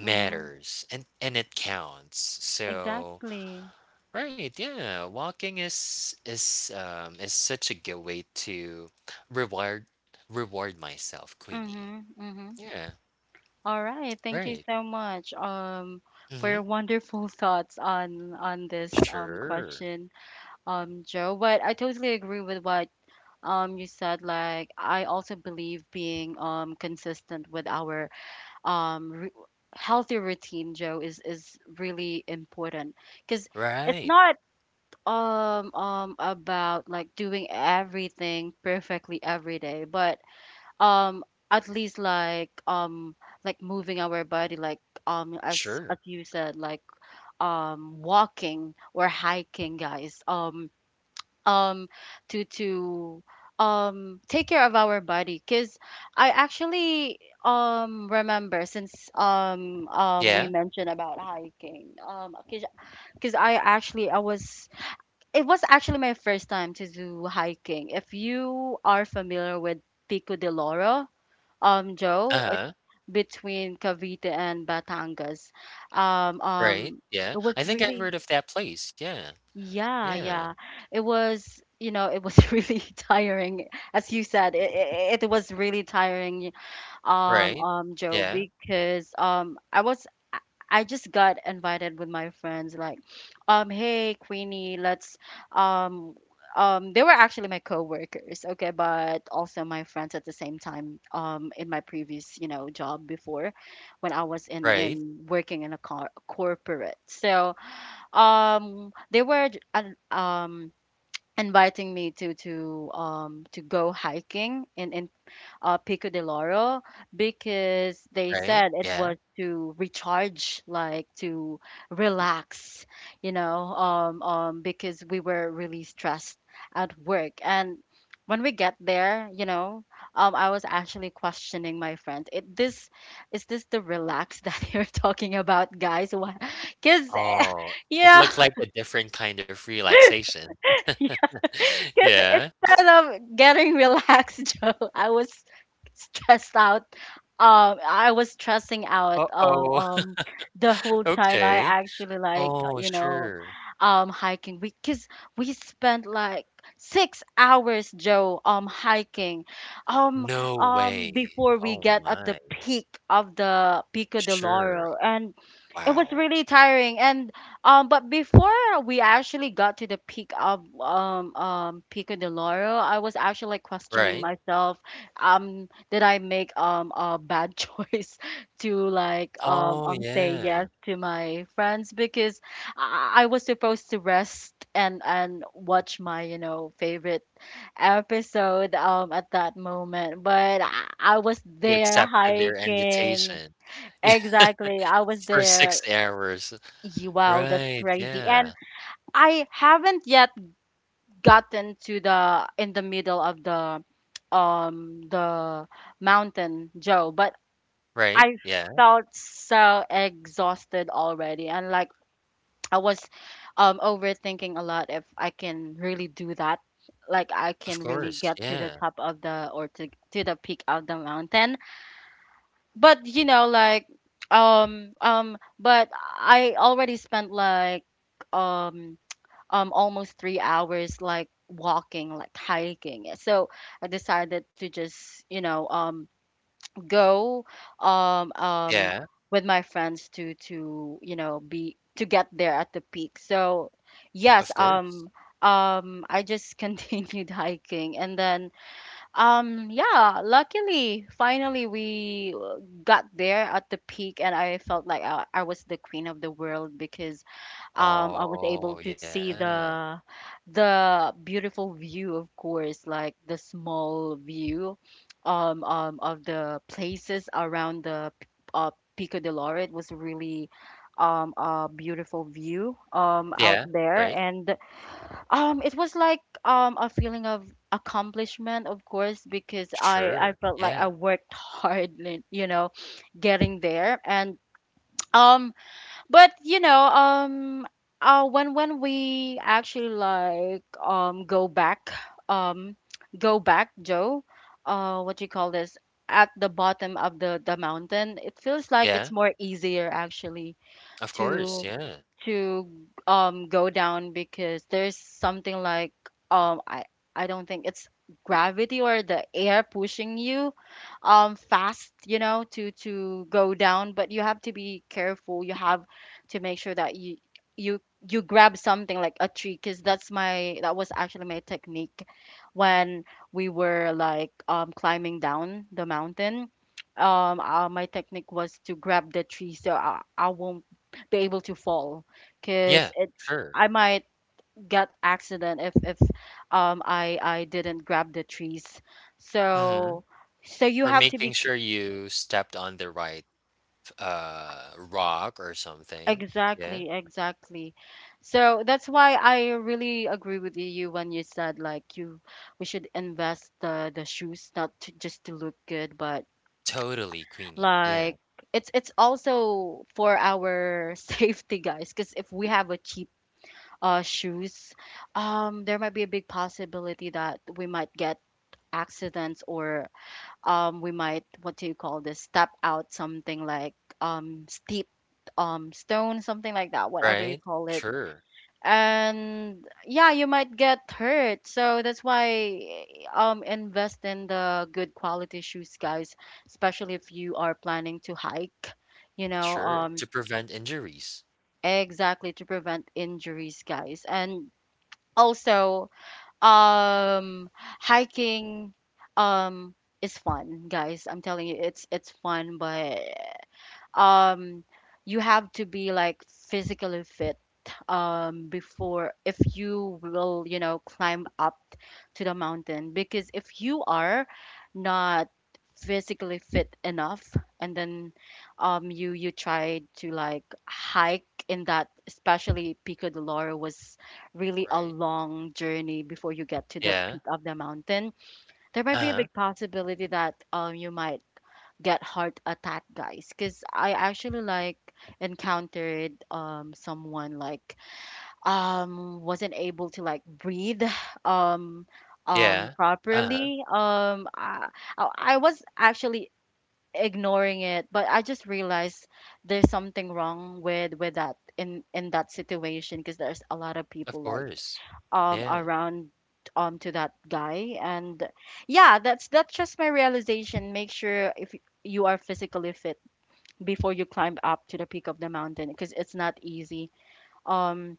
Speaker 1: Mhm.
Speaker 2: and it counts. So,
Speaker 1: Exactly.
Speaker 2: right, yeah, walking is such a good way to reward reward myself, Queenie.
Speaker 1: Mhm. Mhm.
Speaker 2: Yeah,
Speaker 1: All right, thank you
Speaker 2: right.
Speaker 1: so much, for your
Speaker 2: Mhm.
Speaker 1: wonderful thoughts on this
Speaker 2: Sure.
Speaker 1: question, Joe. But I totally agree with what you said. Like, I also believe being consistent with our um ru- healthy routine, Joe, is really important, because it's
Speaker 2: Right.
Speaker 1: not about like doing everything perfectly every day, but um at least like moving our body like
Speaker 2: Sure.
Speaker 1: as you said, like walking or hiking, guys, um to take care of our body. Because I actually remember since we
Speaker 2: Yeah.
Speaker 1: mentioned about hiking, because I actually I was it was actually my first time to do hiking. If you are familiar with Pico de Loro, Joe, it
Speaker 2: Uh-huh.
Speaker 1: between Cavite and Batangas. Um,
Speaker 2: Right.
Speaker 1: um,
Speaker 2: Yeah.
Speaker 1: it was
Speaker 2: I think I've
Speaker 1: really,
Speaker 2: heard of that place. Yeah.
Speaker 1: yeah,
Speaker 2: Yeah.
Speaker 1: yeah. It was, you know, it was really tiring. As you said, it was really tiring,
Speaker 2: Right.
Speaker 1: Joe,
Speaker 2: Yeah.
Speaker 1: because I was I I just got invited with my friends, like hey Queenie let's um they were actually my coworkers, okay, but also my friends at the same time, in my previous, you know, job before when I was
Speaker 2: Right,
Speaker 1: in working in a car corporate. So they were um inviting me to go hiking in Pico de Loro, because they
Speaker 2: right,
Speaker 1: said it was
Speaker 2: yeah.
Speaker 1: to recharge, like to relax, you know, because we were really stressed at work. And when we get there, you know, I was actually questioning my friend. This is this the relax that you're talking about, guys? Because
Speaker 2: Oh, it
Speaker 1: yeah,
Speaker 2: looks like a different kind of relaxation.
Speaker 1: yeah. Because
Speaker 2: Yeah.
Speaker 1: instead of getting relaxed, Joe, I was stressed out. I was stressing out.
Speaker 2: Uh-oh.
Speaker 1: The whole time I
Speaker 2: Okay.
Speaker 1: actually like
Speaker 2: Oh,
Speaker 1: you know,
Speaker 2: sure.
Speaker 1: hiking. Because we spent like 6 hours, Joe, hiking, um,
Speaker 2: No way.
Speaker 1: before we
Speaker 2: Oh
Speaker 1: get at the
Speaker 2: my.
Speaker 1: peak of the Pico de
Speaker 2: Sure.
Speaker 1: Loro. And it was
Speaker 2: Wow.
Speaker 1: really tiring, and but before we actually got to the peak of Pico de Loro, I was actually like questioning
Speaker 2: Right.
Speaker 1: myself, did I make a bad choice to like
Speaker 2: Oh,
Speaker 1: say
Speaker 2: yeah.
Speaker 1: yes to my friends, because I was supposed to rest and watch my you know favorite episode at that moment, but I was
Speaker 2: You
Speaker 1: there
Speaker 2: accepted their
Speaker 1: hiking.
Speaker 2: invitation. Yeah,
Speaker 1: Exactly. I was
Speaker 2: for
Speaker 1: there.
Speaker 2: 6 hours.
Speaker 1: Ye- Wow, that's
Speaker 2: Right,
Speaker 1: crazy. And
Speaker 2: yeah.
Speaker 1: I haven't yet gotten to the in the middle of the mountain, Joe, but
Speaker 2: Right,
Speaker 1: I
Speaker 2: yeah.
Speaker 1: felt so exhausted already. And like I was overthinking a lot if I can really do that. Like I
Speaker 2: Of
Speaker 1: can really
Speaker 2: course,
Speaker 1: get to the
Speaker 2: yeah.
Speaker 1: top of the, or to the peak of the mountain. But you know like but I already spent like um almost 3 hours like walking like hiking, so I decided to just go um um
Speaker 2: Yeah,
Speaker 1: with my friends to you know be to get there at the peak. So yes,
Speaker 2: of course.
Speaker 1: I just continued hiking. And then yeah, luckily, finally we got there at the peak, and I felt like I was the queen of the world, because I was able
Speaker 2: Oh,
Speaker 1: to see
Speaker 2: yeah.
Speaker 1: the beautiful view, of course, like the small view of the places around the uh, Pico de Lore. It was really a beautiful view out
Speaker 2: Yeah,
Speaker 1: there.
Speaker 2: right.
Speaker 1: And it was like a feeling of accomplishment, of course, because I
Speaker 2: Sure.
Speaker 1: felt like I
Speaker 2: Yeah.
Speaker 1: worked hard, you know getting there. And um but when we actually, like, um, go back, Joe, what you call this, at the bottom of the mountain, it feels like it's
Speaker 2: Yeah.
Speaker 1: more easier, actually,
Speaker 2: Of course.
Speaker 1: to
Speaker 2: Yeah.
Speaker 1: to go down, because there's something like um I I don't think it's gravity or the air pushing you fast, you know, to go down. But you have to be careful. You have to make sure that you you grab something, like a tree, because that was actually my technique when we were, like, climbing down the mountain. My technique was to grab the tree, so I won't be able to fall, because
Speaker 2: Yeah.
Speaker 1: it's
Speaker 2: Sure.
Speaker 1: I might get accident if I didn't grab the trees.
Speaker 2: Mhm.
Speaker 1: So, so you
Speaker 2: Or
Speaker 1: have to
Speaker 2: making
Speaker 1: be c-
Speaker 2: sure you stepped on the right rock or something. Yeah.
Speaker 1: exactly, exactly. So that's why I really agree with you when you said, like, you we should invest the shoes, not to, just to look good, but
Speaker 2: Totally, Queenie.
Speaker 1: like
Speaker 2: Yeah.
Speaker 1: it's also for our safety, guys. Because if we have a cheap shoes, there might be a big possibility that we might get accidents, or we might, what do you call this, step out something like steep, stone, something like that, whatever you
Speaker 2: Right?
Speaker 1: call it.
Speaker 2: Sure.
Speaker 1: And yeah, you might get hurt. So that's why, invest in the good quality shoes, guys, especially if you are planning to hike, you know
Speaker 2: Sure.
Speaker 1: um,
Speaker 2: To prevent injuries.
Speaker 1: exactly, to prevent injuries, guys. And also um hiking um is fun, guys. I'm telling you, it's fun. But um you have to be, like, physically fit before, if you will, climb up to the mountain. Because if you are not physically fit enough, and then you try to, like, hike in that, especially Pico de Loro was really a
Speaker 2: Right?
Speaker 1: long journey before you get to the peak
Speaker 2: Yeah.
Speaker 1: of the mountain. There might be a big
Speaker 2: Uh-huh.
Speaker 1: possibility that you might get heart attack, guys. Because I actually, like, encountered someone like wasn't able to, like, breathe um
Speaker 2: Yeah. Uh-huh.
Speaker 1: properly. I was actually ignoring it, but I just realized there's something wrong with that, in that situation, because there's a lot of
Speaker 2: Of
Speaker 1: people, like,
Speaker 2: course. Yeah.
Speaker 1: around, to that guy. And yeah, that's just my realization. Make sure, if you are physically fit before you climb up to the peak of the mountain, because it's not easy. um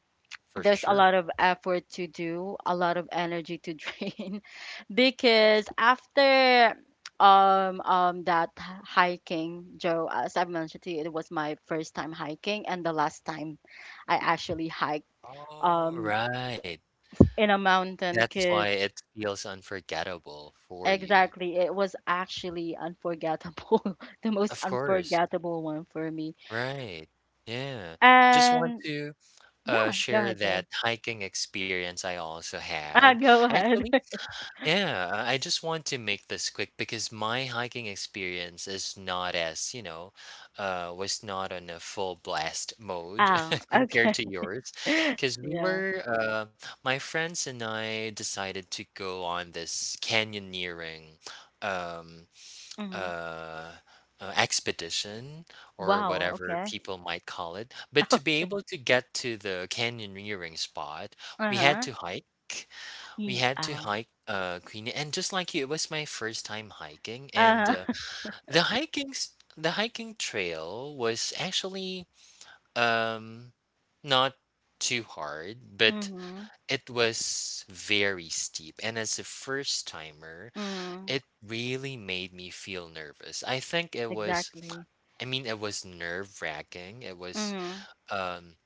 Speaker 2: For
Speaker 1: there's a
Speaker 2: sure.
Speaker 1: lot of effort to do, a lot of energy to drain. Because after that hiking, Joe, as I've mentioned to you, it was my first time hiking, and the last time I actually hiked
Speaker 2: All
Speaker 1: um
Speaker 2: right.
Speaker 1: in a mountain,
Speaker 2: That's why
Speaker 1: 'cause
Speaker 2: it feels unforgettable for you.
Speaker 1: Exactly. It was actually unforgettable, the most
Speaker 2: Of course.
Speaker 1: unforgettable one for me.
Speaker 2: Right. Yeah. Just want
Speaker 1: And
Speaker 2: to
Speaker 1: yeah, go
Speaker 2: share
Speaker 1: ahead, Joe.
Speaker 2: that hiking experience I also
Speaker 1: Ah,
Speaker 2: had.
Speaker 1: go ahead.
Speaker 2: Actually, yeah, I just want to make this quick because my hiking experience is not as, you know, was not on a full blast mode
Speaker 1: Oh,
Speaker 2: compared
Speaker 1: okay.
Speaker 2: to yours. Because we
Speaker 1: Yeah.
Speaker 2: were, my friends and I decided to go on this canyoneering. Um,
Speaker 1: Hmm.
Speaker 2: uh, expedition or
Speaker 1: Wow.
Speaker 2: whatever
Speaker 1: Okay.
Speaker 2: people might call it. But to be able to get to the canyoneering spot, we had
Speaker 1: Uh-huh.
Speaker 2: to hike. We had to
Speaker 1: Oh.
Speaker 2: hike uh, Queen, and just like you, it was my first time hiking, and
Speaker 1: Uh-huh.
Speaker 2: the hiking the hiking trail was actually um not too hard, but
Speaker 1: Mm-hmm.
Speaker 2: it was very steep. And as a first timer,
Speaker 1: Mm.
Speaker 2: it really made me feel nervous.
Speaker 1: Exactly.
Speaker 2: I mean, it was nerve-wracking.
Speaker 1: Mm-hmm.
Speaker 2: Um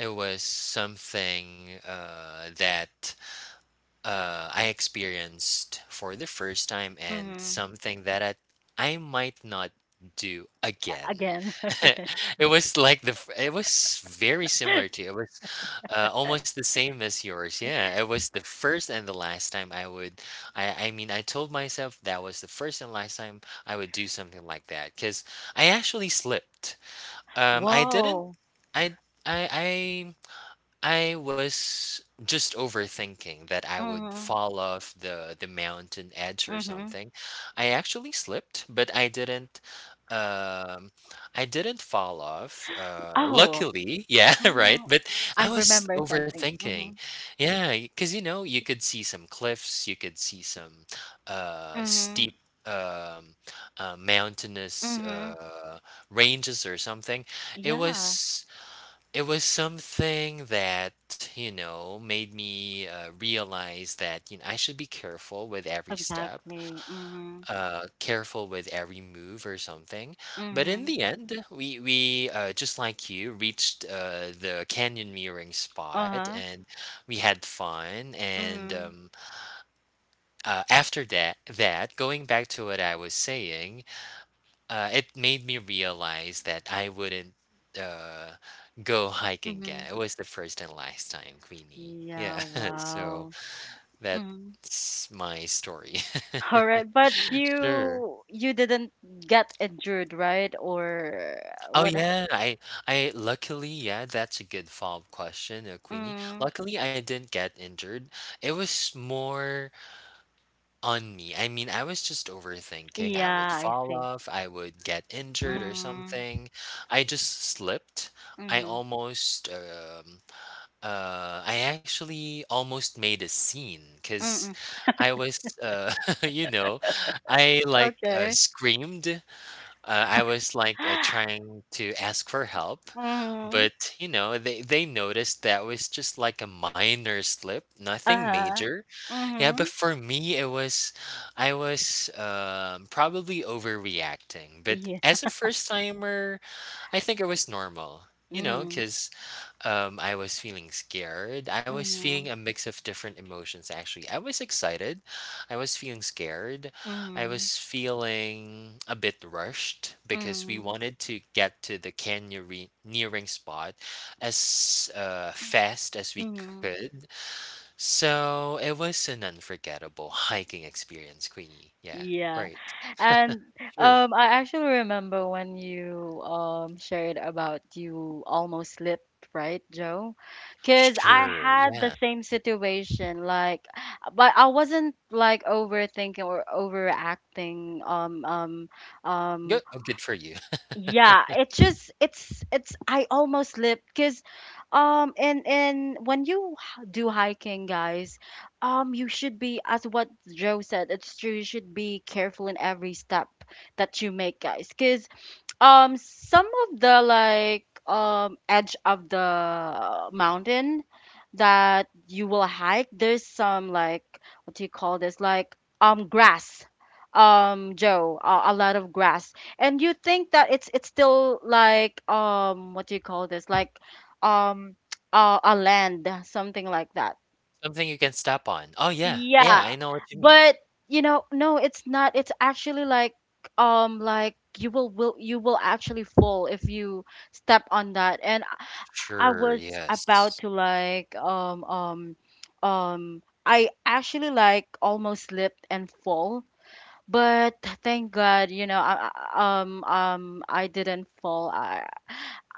Speaker 2: it was something that I experienced for the first time and
Speaker 1: Mm-hmm.
Speaker 2: something that I might not do again.
Speaker 1: Again.
Speaker 2: it was like the f- It was very similar to, it was, almost the same as yours. Yeah, it was the first and the last time I would. I mean, I told myself that was the first and last time I would do something like that because I actually slipped. I didn't.
Speaker 1: Whoa.
Speaker 2: I I I. I was just overthinking that I would
Speaker 1: Mm-hmm.
Speaker 2: fall off the mountain edge or
Speaker 1: Mm-hmm.
Speaker 2: something. I actually slipped, but um I didn't fall off.
Speaker 1: Oh.
Speaker 2: Luckily, yeah, right.
Speaker 1: Mm-hmm.
Speaker 2: But I
Speaker 1: I
Speaker 2: was
Speaker 1: remember something.
Speaker 2: overthinking.
Speaker 1: Mm-hmm.
Speaker 2: Yeah, because you could see some cliffs, you could see some
Speaker 1: Mm-hmm.
Speaker 2: steep um mountainous
Speaker 1: Mm-hmm.
Speaker 2: ranges or something. It
Speaker 1: Yeah.
Speaker 2: was it was something that, you know, made me realize that, you know, I should be careful with every step,
Speaker 1: Exactly. Mhm.
Speaker 2: careful with every move or something. But in
Speaker 1: Mhm.
Speaker 2: the end, we just like you, reached the canyon mirroring spot
Speaker 1: Uh-huh.
Speaker 2: and we had fun. And
Speaker 1: Mhm.
Speaker 2: after that, that, going back to what I was saying, it made me realize that I wouldn't uh, go hiking again.
Speaker 1: Mhm.
Speaker 2: It was the first and last time, Queenie. Yeah,
Speaker 1: Yeah,
Speaker 2: so
Speaker 1: wow. Mhm.
Speaker 2: that's my story.
Speaker 1: All right, but
Speaker 2: Sure.
Speaker 1: you didn't get injured, right? Or
Speaker 2: Oh
Speaker 1: what?
Speaker 2: yeah, I luckily yeah, that's a good follow-up question, Queenie.
Speaker 1: Mm.
Speaker 2: Luckily, I didn't get injured. It was more on me. I mean, I was just overthinking. I would
Speaker 1: Yeah, I
Speaker 2: fall
Speaker 1: see.
Speaker 2: off, I would get injured or
Speaker 1: Mm.
Speaker 2: something. I just slipped. I
Speaker 1: Mhm.
Speaker 2: almost, um, I actually almost made a scene because
Speaker 1: Mhm.
Speaker 2: I was, you know, I
Speaker 1: Okay.
Speaker 2: screamed. I was trying to ask for help,
Speaker 1: Mhm.
Speaker 2: but you know, they noticed that was just like a minor slip, nothing
Speaker 1: Uh-huh.
Speaker 2: major. Yeah, but
Speaker 1: Mhm.
Speaker 2: for me, it was I was probably overreacting. But
Speaker 1: Yeah.
Speaker 2: as a first timer, I think it was normal. You know,
Speaker 1: Mhm.
Speaker 2: because I was feeling scared. I was feeling a
Speaker 1: Mhm.
Speaker 2: mix of different emotions, actually. I was excited. I was feeling scared. I
Speaker 1: Mhm.
Speaker 2: was feeling a bit rushed because we
Speaker 1: Mhm.
Speaker 2: wanted to get to the canyoneering spot as fast as we
Speaker 1: Mhm.
Speaker 2: could, so it was an unforgettable hiking experience, Queenie. Yeah,
Speaker 1: Yeah.
Speaker 2: right.
Speaker 1: And,
Speaker 2: Sure.
Speaker 1: I actually remember when you shared about you almost slipped, right, Joe? Because I
Speaker 2: Sure.
Speaker 1: had the
Speaker 2: Yeah.
Speaker 1: same situation, like, but I wasn't, like, overthinking or overacting.
Speaker 2: Good.
Speaker 1: Um,
Speaker 2: Oh, good for you.
Speaker 1: yeah, it's just, it's I almost slipped, because and when do hiking, guys, you should be as what Joe said. It's true, you should be careful in every step that you make, guys, cause. Some of the, like, edge of the mountain that you will hike, there's some, like, what do you call this? Like, grass. Joe, a lot of grass, and you think that it's still, like, what do you call this? Like, um a land, something like that.
Speaker 2: Something you can step on. Oh, yeah. Yeah,
Speaker 1: Yeah,
Speaker 2: I know what you mean.
Speaker 1: but, you know, no, it's not. It's actually, like, like, you will actually fall if you step on that. And I
Speaker 2: Sure.
Speaker 1: was about
Speaker 2: Yes.
Speaker 1: to, like, I actually, like, almost slipped and fall. But thank God, you know, I didn't fall.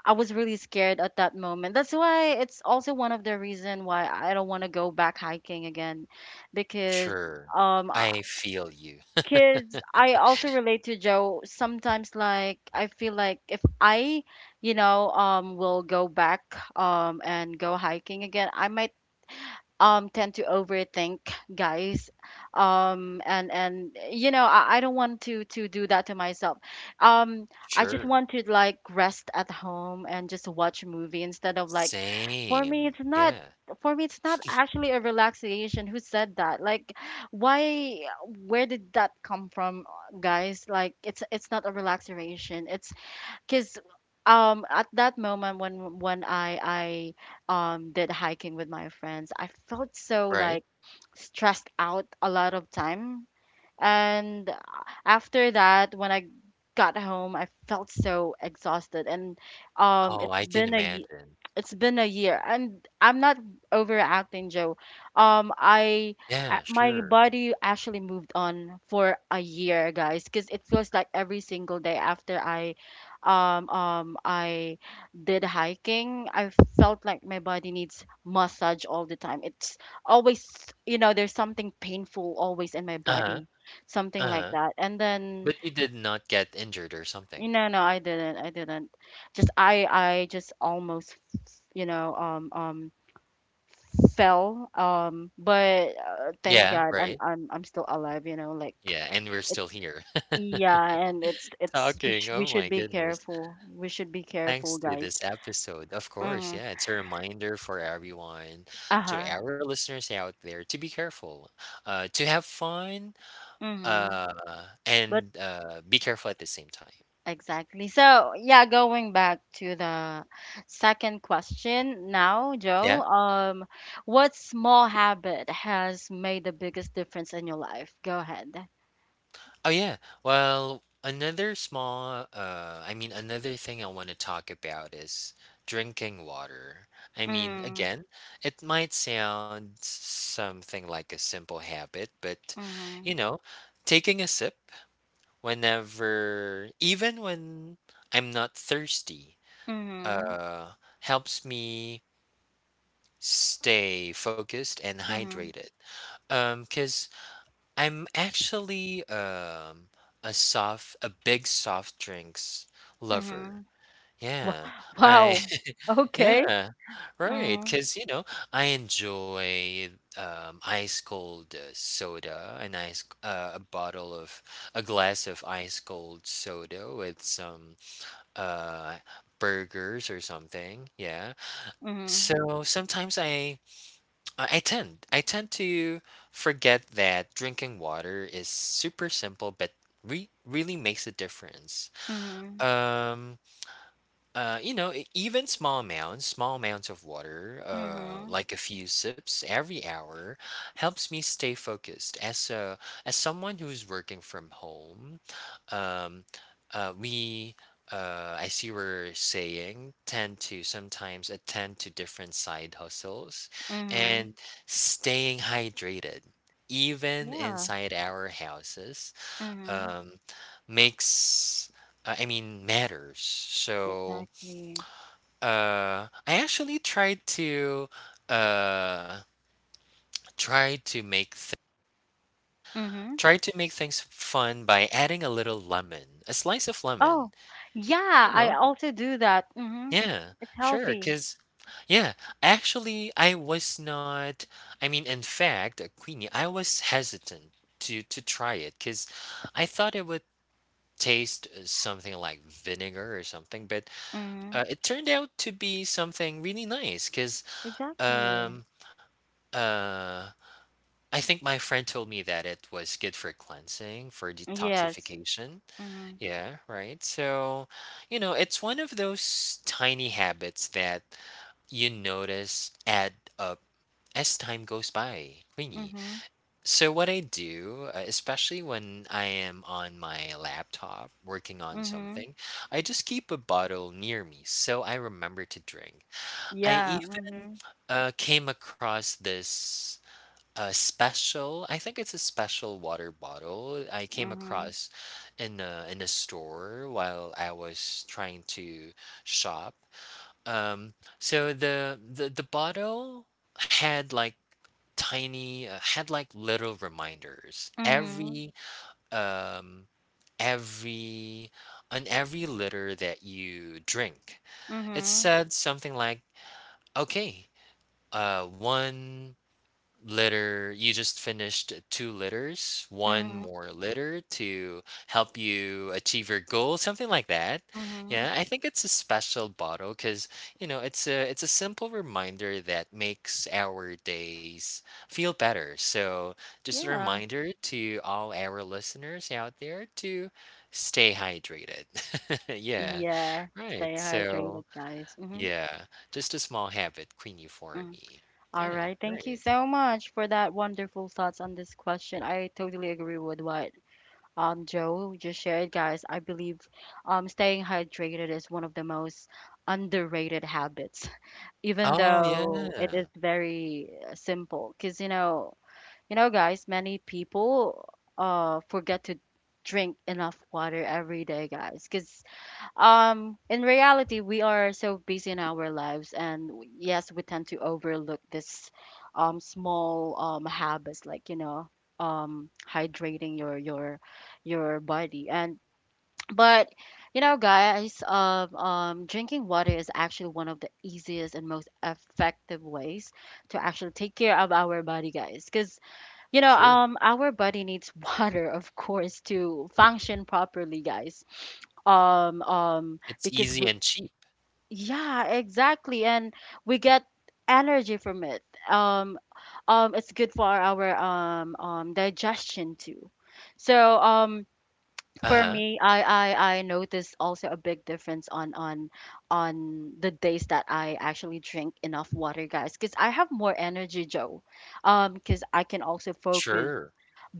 Speaker 1: I was really scared at that moment. That's why it's also one of the reason why I don't want to go back hiking again. Because
Speaker 2: Sure.
Speaker 1: um uh,
Speaker 2: I feel you.
Speaker 1: kids, I also relate to Joe sometimes. Like, I feel like if I, will go back and go hiking again, I might tend to overthink, guys. And I don't want to do that to myself. um I just
Speaker 2: Sure.
Speaker 1: want to, like, rest at home and just watch a movie, instead of like for me it's
Speaker 2: Same.
Speaker 1: not
Speaker 2: Yeah.
Speaker 1: for me it's not actually a relaxation. Who said that? Like, why, where did that come from, guys? Like, it's not a relaxation. It's because at that moment, when I did hiking with my friends, I felt so,
Speaker 2: Right?
Speaker 1: like, stressed out a lot of time. And after that, when I got home, I felt so exhausted. And
Speaker 2: Oh,
Speaker 1: it's
Speaker 2: I can
Speaker 1: been
Speaker 2: imagine.
Speaker 1: it's been a year, and I'm not overacting, Joe. Um, I
Speaker 2: Yeah,
Speaker 1: my
Speaker 2: sure.
Speaker 1: body actually moved on for a year, guys, because it feels like every single day, after I did hiking, I felt like my body needs massage all the time. It's always, you know, there's something painful always in my
Speaker 2: Uh-huh.
Speaker 1: body, something like
Speaker 2: Uh-huh.
Speaker 1: that. And then,
Speaker 2: But you did not get injured or
Speaker 1: you
Speaker 2: something.
Speaker 1: know, no, I didn't. I didn't. Just I just almost, you know um um fell. But thank
Speaker 2: Yeah,
Speaker 1: God I'm
Speaker 2: right?
Speaker 1: I'm I'm still alive, you know, like
Speaker 2: Yeah, and we're
Speaker 1: it's
Speaker 2: still here
Speaker 1: yeah, and it's it's
Speaker 2: talking.
Speaker 1: just we
Speaker 2: Oh my
Speaker 1: should be
Speaker 2: goodness.
Speaker 1: careful. We should be
Speaker 2: Thanks
Speaker 1: careful,
Speaker 2: to
Speaker 1: guys.
Speaker 2: this episode. Of course,
Speaker 1: Mhm.
Speaker 2: yeah, it's a reminder for everyone, to
Speaker 1: Uh-huh.
Speaker 2: our listeners out there, to be careful, to have fun,
Speaker 1: Mhm.
Speaker 2: uh,
Speaker 1: But
Speaker 2: and be careful at the same time.
Speaker 1: Exactly. So, yeah, going back to the second question now,
Speaker 2: Yeah?
Speaker 1: Joe, what small habit has made the biggest difference in your life? Go ahead.
Speaker 2: Oh, yeah. Well, another small, I mean, another thing I want to talk about is drinking water. I mean,
Speaker 1: Mm,
Speaker 2: again, it might sound something like a simple habit, but you
Speaker 1: mm-hmm,
Speaker 2: know, taking a sip whenever, even when I'm not thirsty,
Speaker 1: mm-hmm,
Speaker 2: uh helps me stay focused and
Speaker 1: mm-hmm,
Speaker 2: hydrated. Cuz I'm actually a big soft drinks
Speaker 1: mm-hmm.
Speaker 2: lover.
Speaker 1: Wow.
Speaker 2: Yeah, I
Speaker 1: Wow. Okay.
Speaker 2: yeah, right.
Speaker 1: Mm-hmm,
Speaker 2: Because you know, I enjoy, ice cold, soda, a nice a bottle of a glass of ice cold soda with some, uh, burgers or something, yeah.
Speaker 1: mm-hmm,
Speaker 2: So, sometimes I tend to forget that drinking water is super simple, but re really makes a difference.
Speaker 1: mm-hmm,
Speaker 2: Um you know, even small amounts of water,
Speaker 1: mm-hmm,
Speaker 2: like a few sips every hour, helps me stay focused. As someone who's working from home, um, uh, we, as you were saying, tend to sometimes attend to different side hustles, and
Speaker 1: mm-hmm.
Speaker 2: staying hydrated, even
Speaker 1: Yeah.
Speaker 2: inside our houses,
Speaker 1: Mm-hmm.
Speaker 2: um, makes. Matters. So,
Speaker 1: Exactly.
Speaker 2: I actually tried to uh try to
Speaker 1: Mm-hmm.
Speaker 2: try to make things fun by adding a little lemon, a slice of lemon,
Speaker 1: Oh,
Speaker 2: you
Speaker 1: yeah, I
Speaker 2: know?
Speaker 1: also do that. Mm-hmm.
Speaker 2: Yeah,
Speaker 1: It's
Speaker 2: sure.
Speaker 1: healthy.
Speaker 2: Cause yeah, actually I was not I mean, in fact, Queenie, I was hesitant to try it, cause I thought it would taste something like vinegar or something, but
Speaker 1: Mm,
Speaker 2: it turned out to be something really nice, cause
Speaker 1: exactly.
Speaker 2: um uh I think my friend told me that it was good for cleansing, for
Speaker 1: Yes.
Speaker 2: detoxification.
Speaker 1: Mm,
Speaker 2: Yeah, right. So, you know, it's one of those tiny habits that you notice add up as time goes by, really.
Speaker 1: mm-hmm.
Speaker 2: So, what I do, especially when I am on my laptop working on
Speaker 1: Mm-hmm.
Speaker 2: something, I just keep a bottle near me so I remember to drink. I
Speaker 1: Yeah.
Speaker 2: even
Speaker 1: Mm-hmm.
Speaker 2: came across this a special I think it's a special water bottle I came
Speaker 1: Mm-hmm.
Speaker 2: across in a store while I was trying to shop. So the bottle had like tiny had like little reminders
Speaker 1: Mm-hmm.
Speaker 2: um every on every liter that you drink. It
Speaker 1: Mm-hmm.
Speaker 2: said something like okay, uh, one litter you just finished, two litters, one
Speaker 1: Mm-hmm.
Speaker 2: more litter to help you achieve your goal, something like that.
Speaker 1: Mm-hmm.
Speaker 2: Yeah, I think it's a special bottle because you know, it's a simple reminder that makes our days feel better. So just a
Speaker 1: Yeah.
Speaker 2: reminder to all our listeners out there to stay hydrated. Yeah,
Speaker 1: Yeah.
Speaker 2: right.
Speaker 1: Stay hydrated,
Speaker 2: So
Speaker 1: guys. Mm-hmm.
Speaker 2: yeah, just a small habit, Queenie, for
Speaker 1: Mm.
Speaker 2: me.
Speaker 1: All
Speaker 2: Yeah,
Speaker 1: right. Thank
Speaker 2: right.
Speaker 1: you so much for that wonderful thoughts on this question. I totally agree with what Joe just shared, guys. I believe staying hydrated is one of the most underrated habits, even
Speaker 2: Oh,
Speaker 1: though
Speaker 2: yeah.
Speaker 1: it is very simple. Because, you know, guys, many people forget to drink enough water every day, guys. Because in reality we are so busy in our lives, and, yes, we tend to overlook this small habits, like, hydrating your body. And, but, you know, guys, drinking water is actually one of the easiest and most effective ways to actually take care of our body, guys. Because, you know,
Speaker 2: Sure.
Speaker 1: our body needs water, of course, to function properly, guys.
Speaker 2: It's
Speaker 1: Because
Speaker 2: easy
Speaker 1: we,
Speaker 2: and cheap.
Speaker 1: yeah, exactly, and we get energy from it. Um, it's good for our digestion too. So, for
Speaker 2: Uh-huh.
Speaker 1: me, I noticed also a big difference on the days that I actually drink enough water, guys, because I have more energy, Joe. Because I can also focus
Speaker 2: Sure.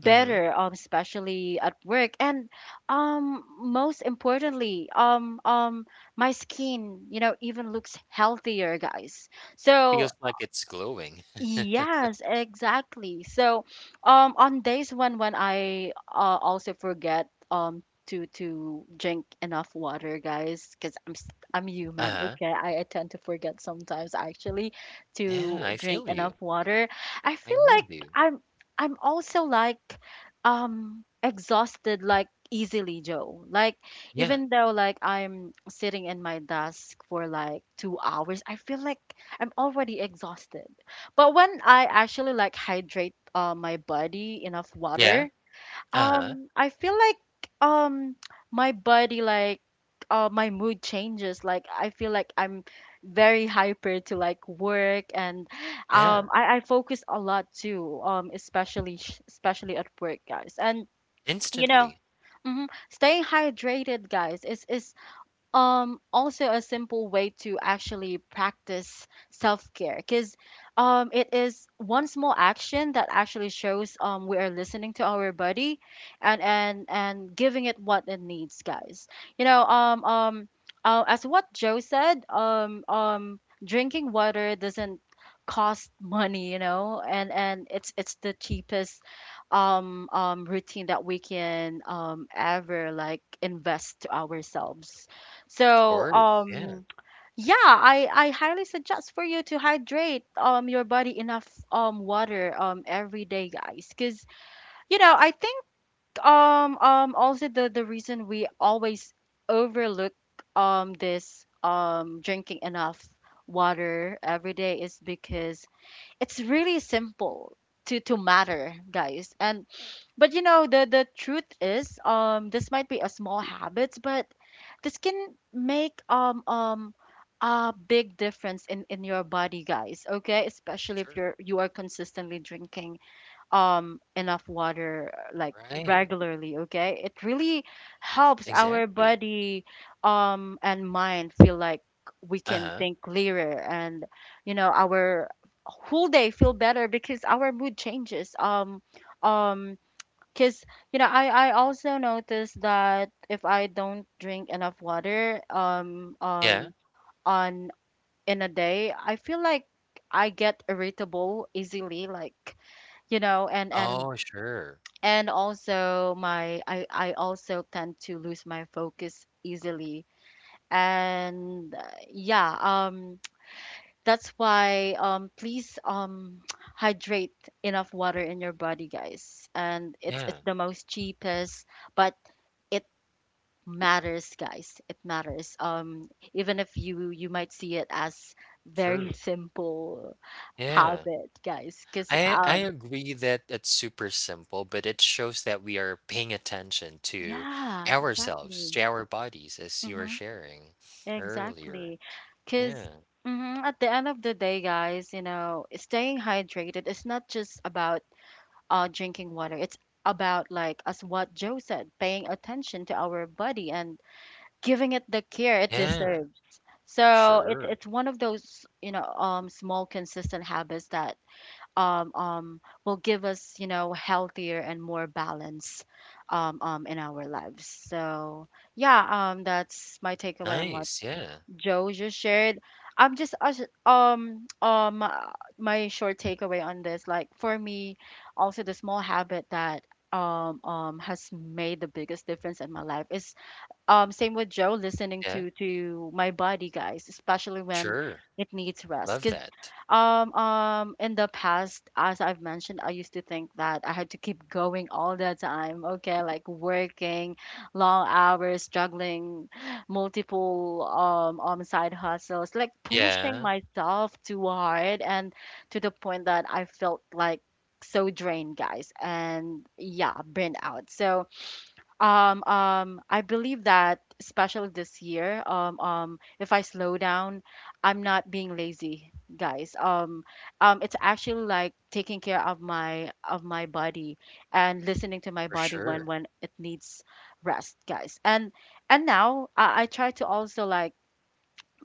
Speaker 2: Mhm.
Speaker 1: especially at work. And most importantly, my skin, you know, even looks healthier, guys.
Speaker 2: Feels
Speaker 1: So
Speaker 2: like it's glowing.
Speaker 1: Yes, exactly. So, on days when I, also forget, to drink enough water, guys, because I'm human.
Speaker 2: Uh-huh.
Speaker 1: Okay, I tend to forget sometimes, actually,
Speaker 2: Yeah,
Speaker 1: to
Speaker 2: I
Speaker 1: drink
Speaker 2: feel you.
Speaker 1: enough water. I
Speaker 2: I'm
Speaker 1: feel
Speaker 2: with
Speaker 1: like
Speaker 2: you.
Speaker 1: I'm I'm also, like, exhausted, like, easily, Joe. Like,
Speaker 2: Yeah.
Speaker 1: even though, like, I'm sitting in my desk for like 2 hours, I feel like I'm already exhausted. But when I actually, like, hydrate, my body enough
Speaker 2: Yeah.
Speaker 1: water,
Speaker 2: Uh-huh.
Speaker 1: I feel like um my body, like, my mood changes. Like, I feel like I'm very hyper to, like, work. And
Speaker 2: Yeah.
Speaker 1: I focus a lot too, especially at work, guys. And, you know,
Speaker 2: Instantly.
Speaker 1: mhm, staying hydrated, guys, is also a simple way to actually practice self-care, because it is one small action that actually shows we are listening to our body, and giving it what it needs, guys. You know, as what Joe said, drinking water doesn't cost money, you know. And it's the cheapest routine that we can ever, like, invest to ourselves.
Speaker 2: Of
Speaker 1: So,
Speaker 2: course. Yeah.
Speaker 1: yeah, I highly suggest for you to hydrate your body enough water every day, guys. Cause you know, I think also the reason we always overlook this drinking enough water every day is because it's really simple to matter, guys. And but you know the the truth is, this might be a small habit, but this can make a big difference in your body, guys. Okay, especially if
Speaker 2: Sure.
Speaker 1: you are consistently drinking enough water, like,
Speaker 2: Right.
Speaker 1: regularly. Okay, it really helps our
Speaker 2: Exactly.
Speaker 1: body and mind. Feel like we can
Speaker 2: Uh-huh.
Speaker 1: think clearer and, you know, our whole day feel better because our mood changes. Um because, you know, I also noticed that if I don't drink enough water
Speaker 2: Yeah.
Speaker 1: on in a day, I feel like I get irritable easily, like, you know. and and
Speaker 2: Oh, sure.
Speaker 1: and also my I also tend to lose my focus easily. And yeah um that's why, please, hydrate enough water in your body, guys. And it's
Speaker 2: Yeah.
Speaker 1: it's the most cheapest, but it matters, guys. It matters, even if you might see it as very
Speaker 2: True.
Speaker 1: simple
Speaker 2: Yeah.
Speaker 1: habit, guys. Because
Speaker 2: I agree that it's super simple, but it shows that we are paying attention to
Speaker 1: Yeah,
Speaker 2: ourselves,
Speaker 1: exactly.
Speaker 2: to our bodies, as you were
Speaker 1: Mhm.
Speaker 2: sharing earlier.
Speaker 1: Exactly. Because
Speaker 2: Yeah.
Speaker 1: at the end of the day, guys, you know, staying hydrated is not just about drinking water. It's about, like, as what Joe said, paying attention to our body and giving it the care it
Speaker 2: Yeah.
Speaker 1: deserves. So it's
Speaker 2: Sure.
Speaker 1: it's one of those, you know, small, consistent habits that will give us, you know, healthier and more balance in our lives. So yeah, that's my takeaway on what
Speaker 2: Nice. Yeah.
Speaker 1: Joe just shared. I'm just us- um um uh, my short takeaway on this, like, for me, also the small habit that has made the biggest difference in my life is, same with Joe, listening
Speaker 2: Yeah.
Speaker 1: to my body, guys, especially when
Speaker 2: Sure.
Speaker 1: it needs rest.
Speaker 2: Love
Speaker 1: Because
Speaker 2: that.
Speaker 1: in the past, as I've mentioned, I used to think that I had to keep going all the time. Okay, like working long hours, juggling multiple side hustles, like pushing
Speaker 2: Yeah.
Speaker 1: myself too hard and to the point that I felt, like, so drained, guys, and yeah, burnt out. So I believe that, especially this year, if I slow down, I'm not being lazy, guys. It's actually like taking care of my body and listening to my
Speaker 2: For
Speaker 1: body when
Speaker 2: sure.
Speaker 1: it needs rest, guys. And now I try to also, like,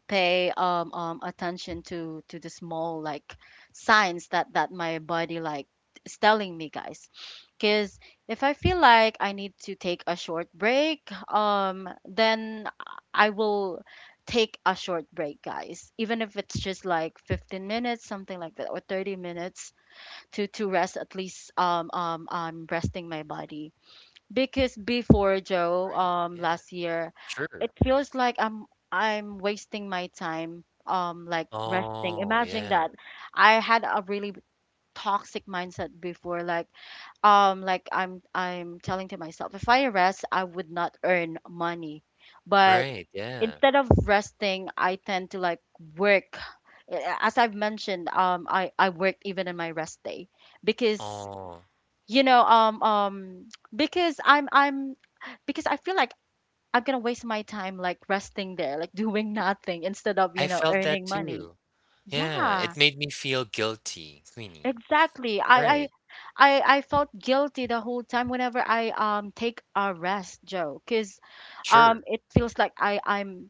Speaker 1: pay attention to the small, like, signs that my body, like, is telling me, guys. Because if I feel like I need to take a short break, then I will take a short break, guys, even if it's just like 15 minutes, something like that, or 30 minutes, to rest. At least I'm resting my body. Because before, Joe,
Speaker 2: Right. Yeah.
Speaker 1: last year,
Speaker 2: Sure.
Speaker 1: it feels like I'm wasting my time, like, resting.
Speaker 2: Oh,
Speaker 1: Imagine
Speaker 2: yeah.
Speaker 1: that. I had a really toxic mindset before, like, like, I'm telling to myself, if I rest, I would not earn money. But
Speaker 2: Right. Yeah.
Speaker 1: instead of resting, I tend to, like, work. Eh, as I've mentioned, I worked even in my rest day. Because,
Speaker 2: Oh,
Speaker 1: you know, because i'm because I feel like I'm gonna waste my time, like, resting there, like, doing nothing instead of, you
Speaker 2: I
Speaker 1: know,
Speaker 2: felt that
Speaker 1: earning money.
Speaker 2: too. Yeah.
Speaker 1: Yeah,
Speaker 2: It made me feel guilty, Queenie.
Speaker 1: exactly.
Speaker 2: Right.
Speaker 1: I felt guilty the whole time whenever I take a rest, Joe. Because
Speaker 2: Sure.
Speaker 1: it feels like i i'm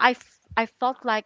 Speaker 1: i f- I felt like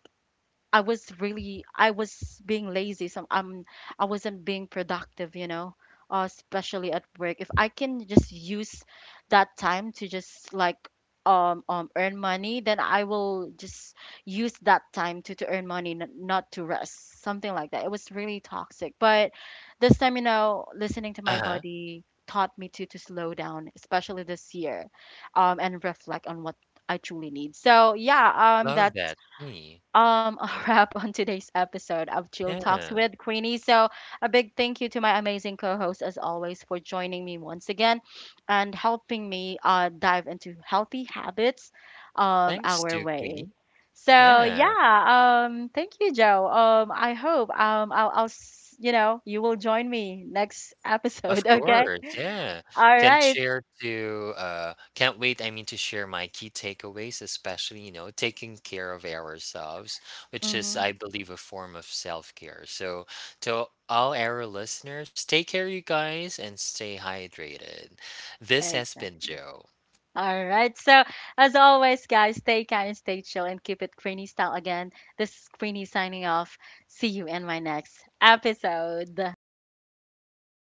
Speaker 1: I was being lazy. Some I am, I wasn't being productive, you know, especially at work. If I can just use that time to just, like, earn money, then I will just use that time to earn money, not to rest. Something like that. It was really toxic. But this time, you know, listening to
Speaker 2: Uh
Speaker 1: my
Speaker 2: huh.
Speaker 1: body taught me to slow down, especially this year, and reflect on what I truly need. So yeah,
Speaker 2: Love
Speaker 1: that
Speaker 2: that, Queenie.
Speaker 1: a wrap on today's episode of Jill Talks
Speaker 2: Yeah.
Speaker 1: with Queenie. So, a big thank you to my amazing co host, as always, for joining me once again and helping me, dive into healthy habits
Speaker 2: Thanks
Speaker 1: our
Speaker 2: to
Speaker 1: way.
Speaker 2: Queenie.
Speaker 1: So
Speaker 2: Yeah,
Speaker 1: yeah, thank you, Joe. I hope, you know, you will join me next
Speaker 2: of
Speaker 1: episode, okay?
Speaker 2: course. Yeah.
Speaker 1: All right.
Speaker 2: Can't wait, I mean, to share my key takeaways, especially, you know, taking care of ourselves, which is,
Speaker 1: Mm-hmm.
Speaker 2: I believe, a form of self-care. So to all our listeners, take care you guys and stay hydrated. This has been
Speaker 1: Exactly.
Speaker 2: Joe.
Speaker 1: All right. So, as always, guys, stay kind, stay chill, and keep it Queenie style again. This is Queenie signing off. See you in my next episode.